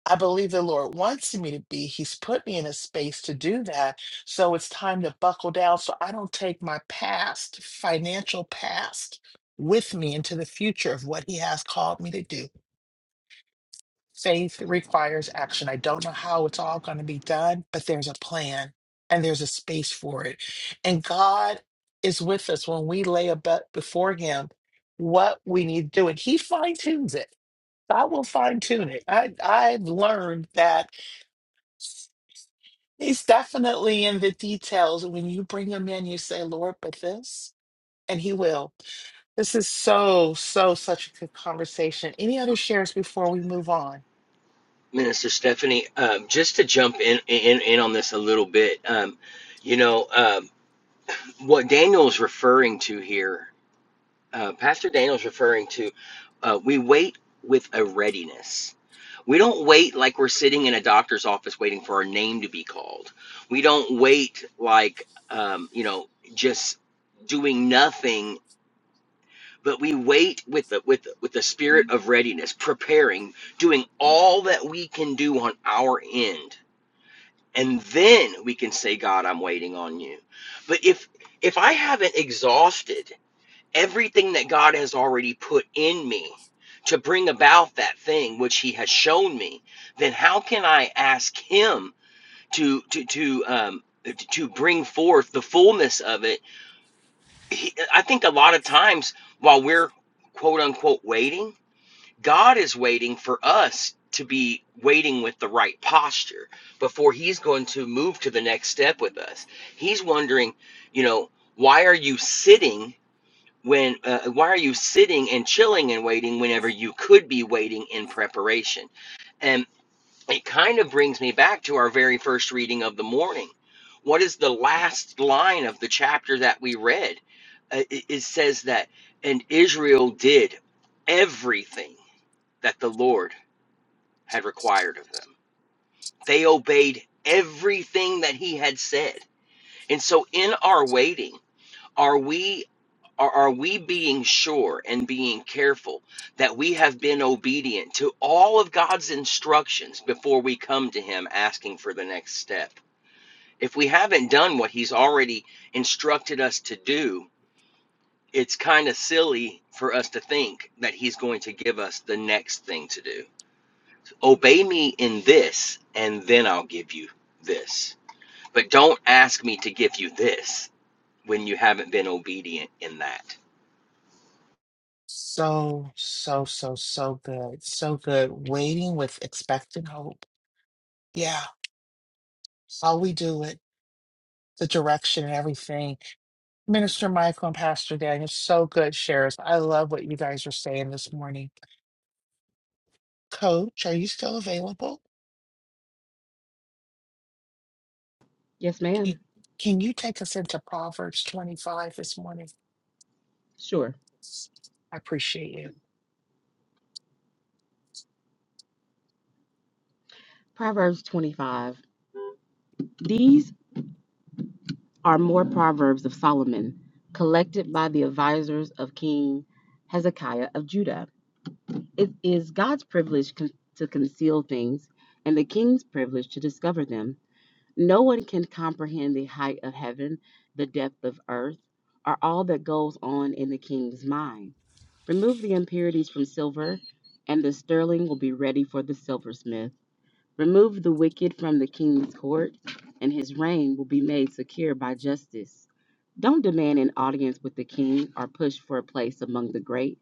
A: I believe the Lord wants me to be. He's put me in a space to do that. So it's time to buckle down so I don't take my past, financial past, with me into the future of what He has called me to do. Faith requires action. I don't know how it's all going to be done, but there's a plan and there's a space for it. And God is with us when we lay about before Him what we need to do, and He fine tunes it. God will fine tune it. I, I've learned that He's definitely in the details. When you bring Him in, you say, Lord, but this, and He will. This is so, so, such a good conversation. Any other shares before we move on?
I: Minister Stephanie. Um, just to jump in, in in on this a little bit, um, you know um, what Daniel is referring to here. uh, Pastor Daniel's referring to, uh, we wait with a readiness. We don't wait like we're sitting in a doctor's office waiting for our name to be called. We don't wait like, um, you know, just doing nothing. But we wait with the with the, with the spirit of readiness, preparing, doing all that we can do on our end, and then we can say, "God, I'm waiting on you." But if if I haven't exhausted everything that God has already put in me to bring about that thing which He has shown me, then how can I ask Him to to to um to bring forth the fullness of it? He, I think a lot of times while we're quote unquote waiting, God is waiting for us to be waiting with the right posture before he's going to move to the next step with us. He's wondering, you know, why are you sitting when uh, why are you sitting and chilling and waiting whenever you could be waiting in preparation and it kind of brings me back to our very first reading of the morning what is the last line of the chapter that we read uh, it, it says that and israel did everything that the lord had required of them they obeyed everything that he had said and so in our waiting are we Are, are we being sure and being careful that we have been obedient to all of God's instructions before we come to Him asking for the next step? If we haven't done what He's already instructed us to do, it's kind of silly for us to think that He's going to give us the next thing to do. Obey me in this, and then I'll give you this. But don't ask me to give you this when you haven't been obedient in that.
A: So, so, so, so good. So good. Waiting with expectant hope. Yeah, how we do it, the direction and everything. Minister Michael and Pastor Daniel, so good shares. I love what you guys are saying this morning. Coach, are you still available?
C: Yes,
A: Can
C: ma'am.
A: can you take us into Proverbs 25 this morning?
C: Sure.
A: I appreciate you.
C: Proverbs 25. These are more proverbs of Solomon, collected by the advisors of King Hezekiah of Judah. It is God's privilege con- to conceal things and the king's privilege to discover them. No one can comprehend the height of heaven, the depth of earth, or all that goes on in the king's mind. Remove the impurities from silver, and the sterling will be ready for the silversmith. Remove the wicked from the king's court, and his reign will be made secure by justice. Don't demand an audience with the king or push for a place among the great.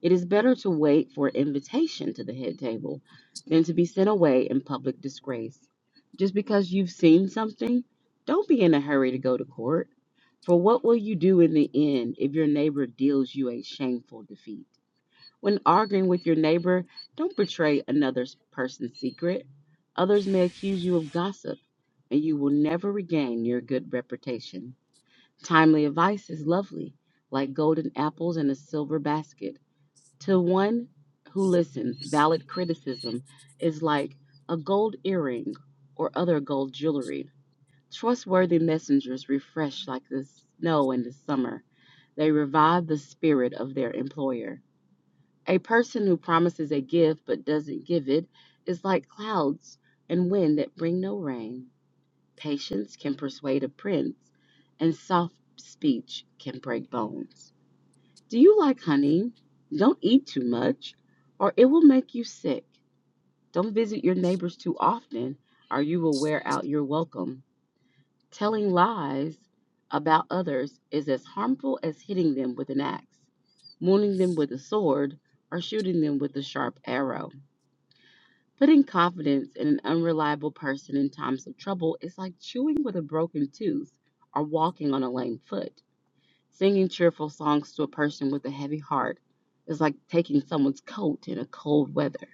C: It is better to wait for invitation to the head table than to be sent away in public disgrace. Just because you've seen something, don't be in a hurry to go to court. For what will you do in the end if your neighbor deals you a shameful defeat? When arguing with your neighbor, don't betray another person's secret. Others may accuse you of gossip, and you will never regain your good reputation. Timely advice is lovely, like golden apples in a silver basket. To one who listens, valid criticism is like a gold earring or other gold jewelry. Trustworthy messengers refresh like the snow in the summer. They revive the spirit of their employer. A person who promises a gift but doesn't give it is like clouds and wind that bring no rain. Patience can persuade a prince, and soft speech can break bones. Do you like honey? Don't eat too much, or it will make you sick. Don't visit your neighbors too often, or you will wear out your welcome. Telling lies about others is as harmful as hitting them with an axe, wounding them with a sword, or shooting them with a sharp arrow. Putting confidence in an unreliable person in times of trouble is like chewing with a broken tooth or walking on a lame foot. Singing cheerful songs to a person with a heavy heart is like taking someone's coat in a cold weather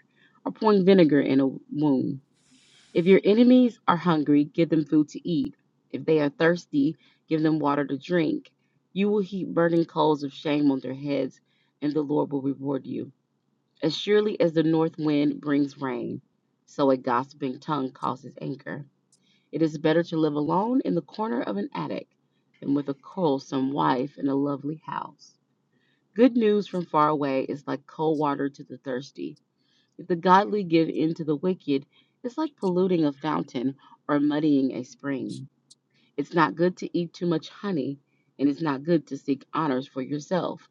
C: or pouring vinegar in a wound. If your enemies are hungry, give them food to eat. If they are thirsty, give them water to drink. You will heap burning coals of shame on their heads, and the Lord will reward you. As surely as the north wind brings rain, so a gossiping tongue causes anger. It is better to live alone in the corner of an attic than with a quarrelsome wife in a lovely house. Good news from far away is like cold water to the thirsty. If the godly give in to the wicked, it's like polluting a fountain or muddying a spring. It's not good to eat too much honey, and it's not good to seek honors for yourself.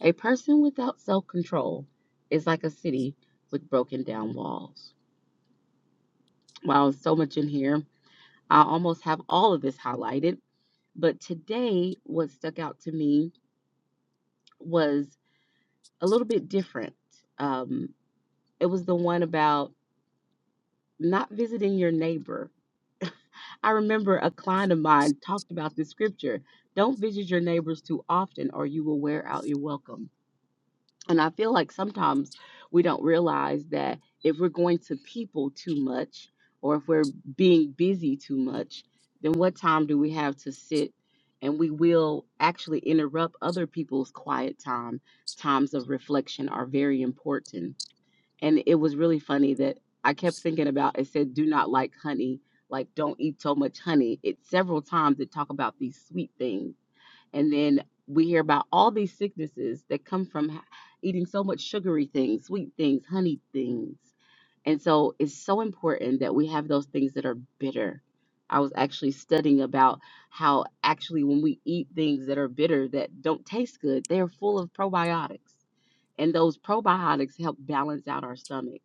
C: A person without self control is like a city with broken down walls. Wow, so much in here. I almost have all of this highlighted But today, what stuck out to me was a little bit different. Um, it was the one about not visiting your neighbor. I remember a client of mine talked about this scripture don't visit your neighbors too often, or you will wear out your welcome. And I feel like sometimes we don't realize that if we're going to people too much or if we're being busy too much, then what time do we have to sit? And we will actually interrupt other people's quiet time. Times of reflection are very important. And it was really funny that I kept thinking about it said, do not like honey, like don't eat so much honey. It several times it talk about these sweet things and then we hear about all these sicknesses that come from ha- eating so much sugary things, sweet things, honey things. And so it's so important that we have those things that are bitter. I was actually studying about how actually when we eat things that are bitter that don't taste good, they are full of probiotics. And those probiotics help balance out our stomach.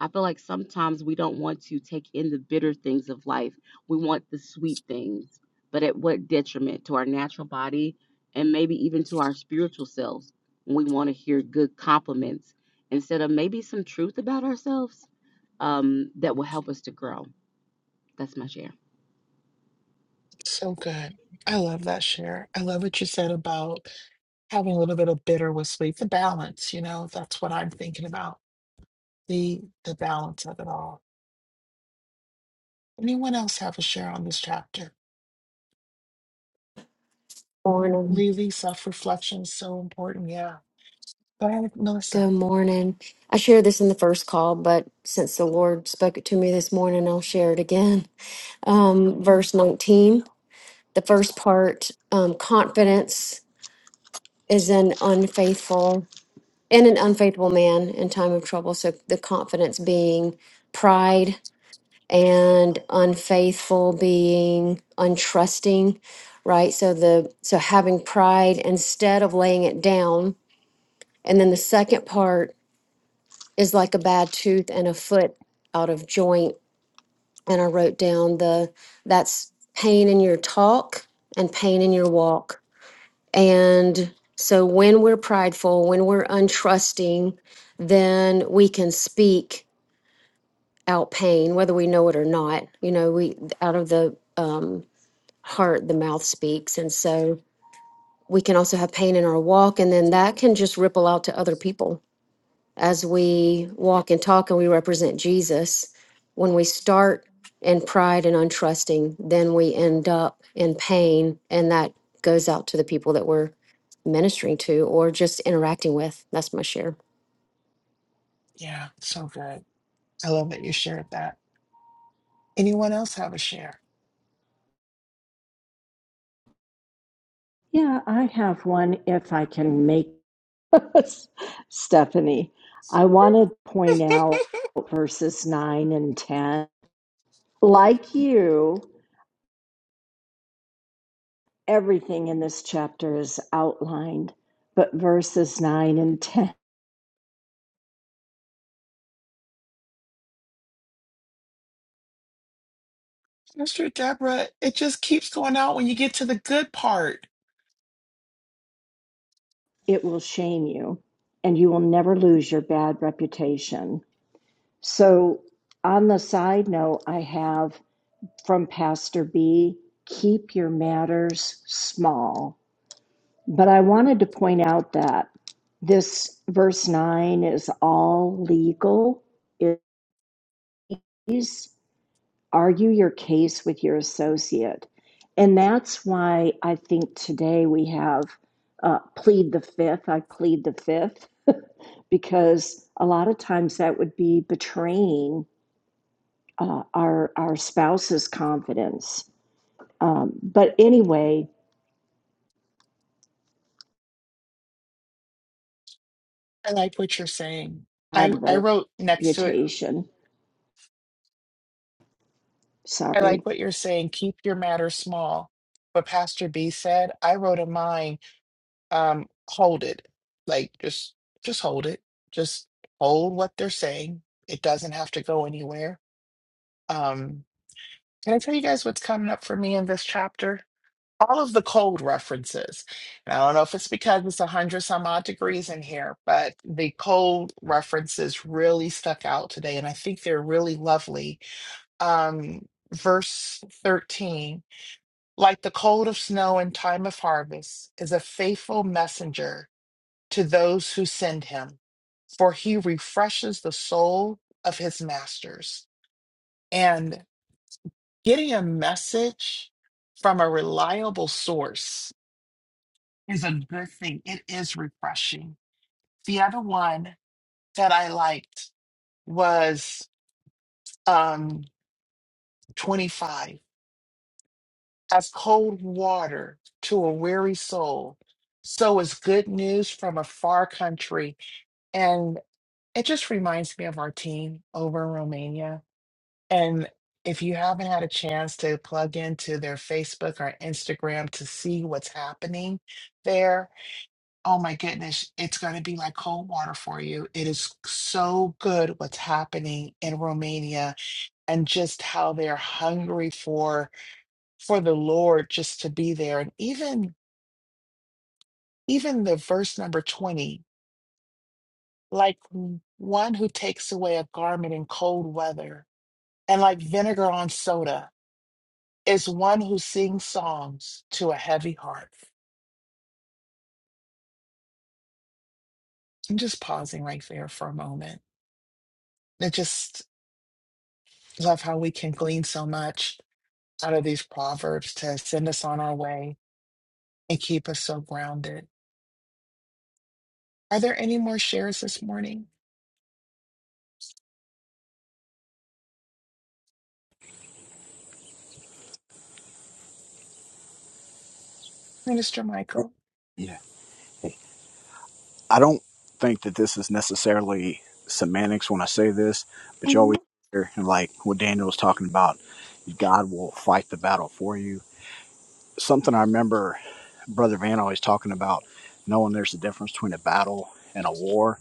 C: I feel like sometimes we don't want to take in the bitter things of life. We want the sweet things, but at what detriment to our natural body and maybe even to our spiritual selves? We want to hear good compliments instead of maybe some truth about ourselves um, that will help us to grow. That's my share.
A: So good. I love that share. I love what you said about having a little bit of bitter with sleep, the balance, you know, that's what I'm thinking about. The the balance of it all. Anyone else have a share on this chapter?
B: Morning.
A: Lily, self reflection is so important. Yeah. Go ahead, Melissa.
B: Good morning. I shared this in the first call, but since the Lord spoke it to me this morning, I'll share it again. Um, verse 19, the first part, um, confidence is an unfaithful and an unfaithful man in time of trouble. So the confidence being pride and unfaithful being untrusting, right? So the so having pride instead of laying it down. And then the second part is like a bad tooth and a foot out of joint. And I wrote down the that's pain in your talk and pain in your walk And so when we're prideful, when we're untrusting, then we can speak out pain, whether we know it or not. You know, we out of the um, heart, the mouth speaks. And so we can also have pain in our walk, and then that can just ripple out to other people as we walk and talk and we represent Jesus, when we start in pride and untrusting, then we end up in pain. And that goes out to the people that we're ministering to or just interacting with. That's my share.
A: Yeah, so good. I love that you shared that. Anyone else have a share?
K: Yeah, I have one if I can make Stephanie. I want to point out verses 9 and 10. Like you. Everything in this chapter is outlined, but verses 9 and 10
A: Mr. Deborah, it just keeps going out when you get to the good part.
K: it will shame you, and you will never lose your bad reputation. So, on the side note, I have from Pastor B keep your matters small. But I wanted to point out that this verse 9 is all legal. issues argue your case with your associate. And that's why I think today we have uh, plead the fifth. I plead the fifth because a lot of times that would be betraying uh, our our spouse's confidence. Um, but anyway,
A: I like what you're saying. I,
K: bad
A: I wrote next to it,
K: reputation.
A: I
K: Sorry.
A: like what you're saying. Keep your matter small. What Pastor B said, I wrote in mine. um hold it like just just hold it just hold what they're saying it doesn't have to go anywhere um can i tell you guys what's coming up for me in this chapter all of the cold references and i don't know if it's because it's a hundred some odd degrees in here but the cold references really stuck out today and i think they're really lovely um verse 13 like the cold of snow in time of harvest is a faithful messenger to those who send him, for he refreshes the soul of his masters. And getting a message from a reliable source is a good thing. It is refreshing. The other one that I liked was um, 25. As cold water to a weary soul, so is good news from a far country. And it just reminds me of our team over in Romania And if you haven't had a chance to plug into their Facebook or Instagram to see what's happening there, oh my goodness, it's going to be like cold water for you. It is so good what's happening in Romania and just how they're hungry for for the Lord just to be there and even even the verse number 20 like one who takes away a garment in cold weather and like vinegar on soda is one who sings songs to a heavy heart. I'm just pausing right there for a moment. I just love how we can glean so much out of these proverbs to send us on our way and keep us so grounded. Are there any more shares this morning, Minister Michael?
M: Yeah. hey, I don't think that this is necessarily semantics when I say this, but you
A: hmm
M: always hear, and like what Daniel was talking about, God will fight the battle for you. Something I remember Brother Van always talking about, knowing there's a difference between a battle and a war,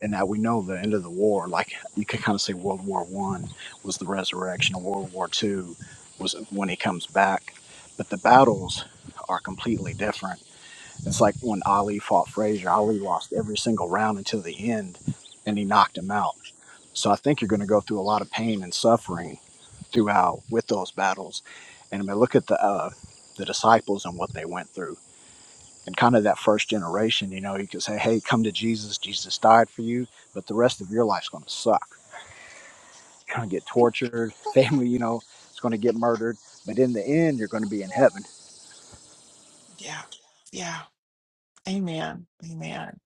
M: and that we know the end of the war, like you could kind of say World War One was the resurrection, and World War Two was when he comes back, but the battles are completely different It's like when Ali fought Frazier. Ali lost every single round until the end, and he knocked him out. So I think you're going to go through a lot of pain and suffering throughout with those battles. And I mean, look at the uh, the disciples and what they went through, and kind of that first generation. You know, you could say, "Hey, come to Jesus. Jesus died for you," but the rest of your life's going to suck. You're going to get tortured. Family, you know, it's going to get murdered. But in the end, you're going to be in heaven
A: Yeah, yeah. Amen. Amen.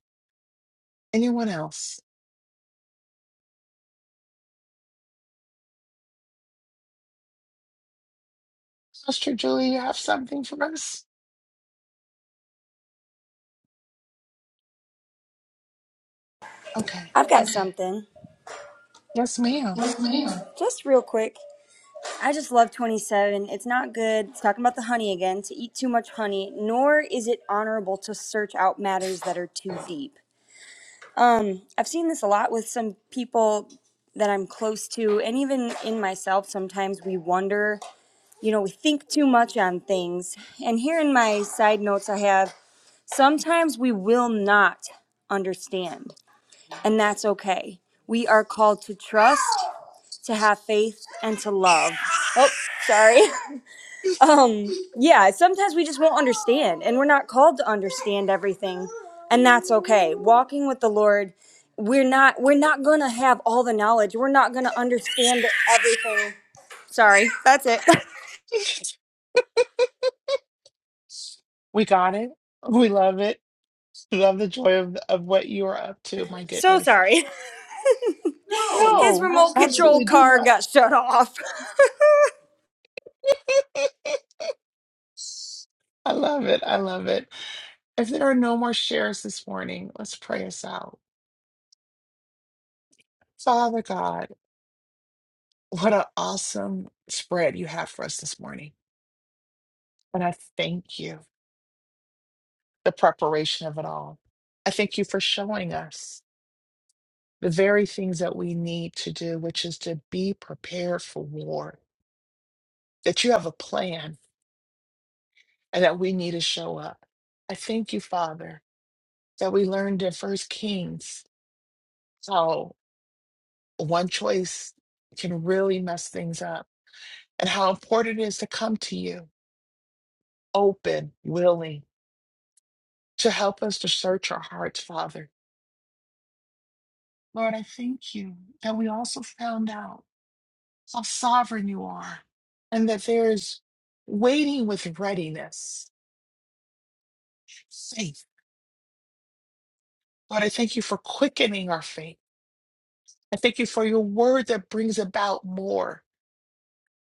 A: Anyone else? Sister Julie, you have something for us? Okay.
D: I've got something
A: Yes, ma'am.
D: just real quick. I just love 27. It's not good. It's talking about the honey again to eat too much honey, nor is it honorable to search out matters that are too deep. Um, I've seen this a lot with some people that I'm close to, and even in myself, sometimes we wonder, you know, we think too much on things. And here in my side notes, I have sometimes we will not understand, and that's okay. We are called to trust, to have faith, and to love. Oh, sorry. um yeah sometimes we just won't understand and we're not called to understand everything and that's okay walking with the lord we're not we're not gonna have all the knowledge we're not gonna understand everything sorry that's it
A: We got it. We love it. to have the joy of, of what you are up to. My
D: so
A: goodness.
D: sorry his
A: No,
D: remote control
A: absolutely do
D: car
A: not.
D: got shut off
A: I love it. I love it. If there are no more shares this morning, let's pray us out. Father God, what an awesome spread you have for us this morning. And I thank you, the preparation of it all. I thank you for showing us the very things that we need to do, which is to be prepared for war, that you have a plan and that we need to show up. I thank you, Father, that we learned in First Kings how one choice can really mess things up and how important it is to come to you open, willing, to help us to search our hearts, Father. Lord, I thank you that we also found out how sovereign you are and that there is waiting with readiness, faith. Lord, I thank you for quickening our faith. I thank you for your word that brings about more.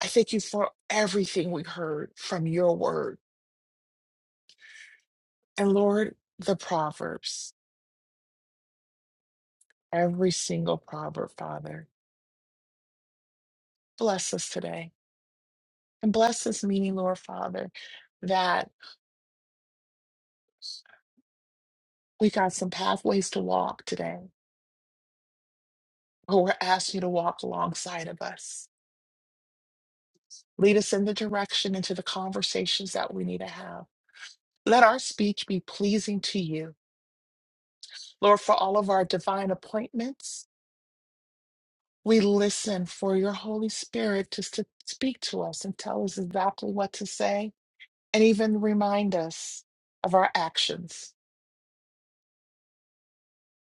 A: I thank you for everything we heard from your word. And Lord, the Proverbs, every single proverb, Father, bless us today. And bless us, meaning, Lord, Father, that we got some pathways to walk today, Who we're asking you to walk alongside of us. Lead us in the direction into the conversations that we need to have. Let our speech be pleasing to you, Lord, for all of our divine appointments We listen for your Holy Spirit just to speak to us and tell us exactly what to say and even remind us of our actions.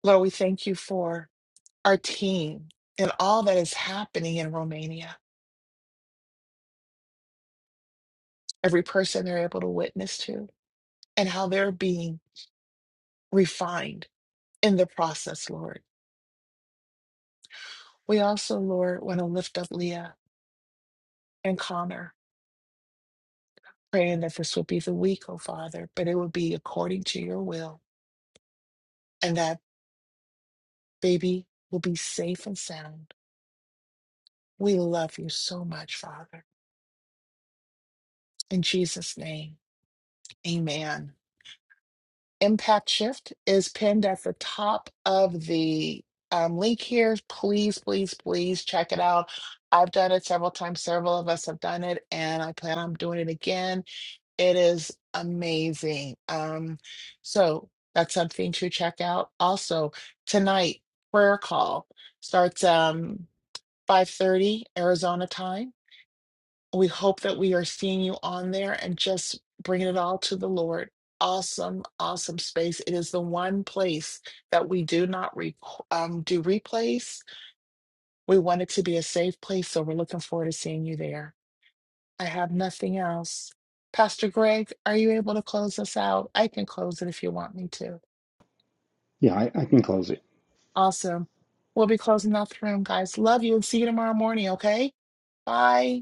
A: Lord, we thank you for our team and all that is happening in Romania, every person they're able to witness to, and how they're being refined in the process, Lord. We also, Lord, want to lift up Leah and Connor, praying that this would be the week, oh Father, but it would be according to your will and that. baby will be safe and sound. We love you so much, Father. In Jesus' name, amen. Impact Shift is pinned at the top of the um, link here. Please, please, please check it out. I've done it several times. Several of us have done it, and I plan on doing it again. It is amazing. Um, so that's something to check out. Also, tonight prayer call starts um 5:30 Arizona time We hope that we are seeing you on there and just bringing it all to the Lord. Awesome, awesome space. It is the one place that we do not re- um, do replays. We want it to be a safe place, so we're looking forward to seeing you there. I have nothing else. Pastor Greg, are you able to close us out? I can close it if you want me to.
E: Yeah, I, I was
A: Awesome. We'll be closing out the room, guys. Love you and see you tomorrow morning, okay? Bye.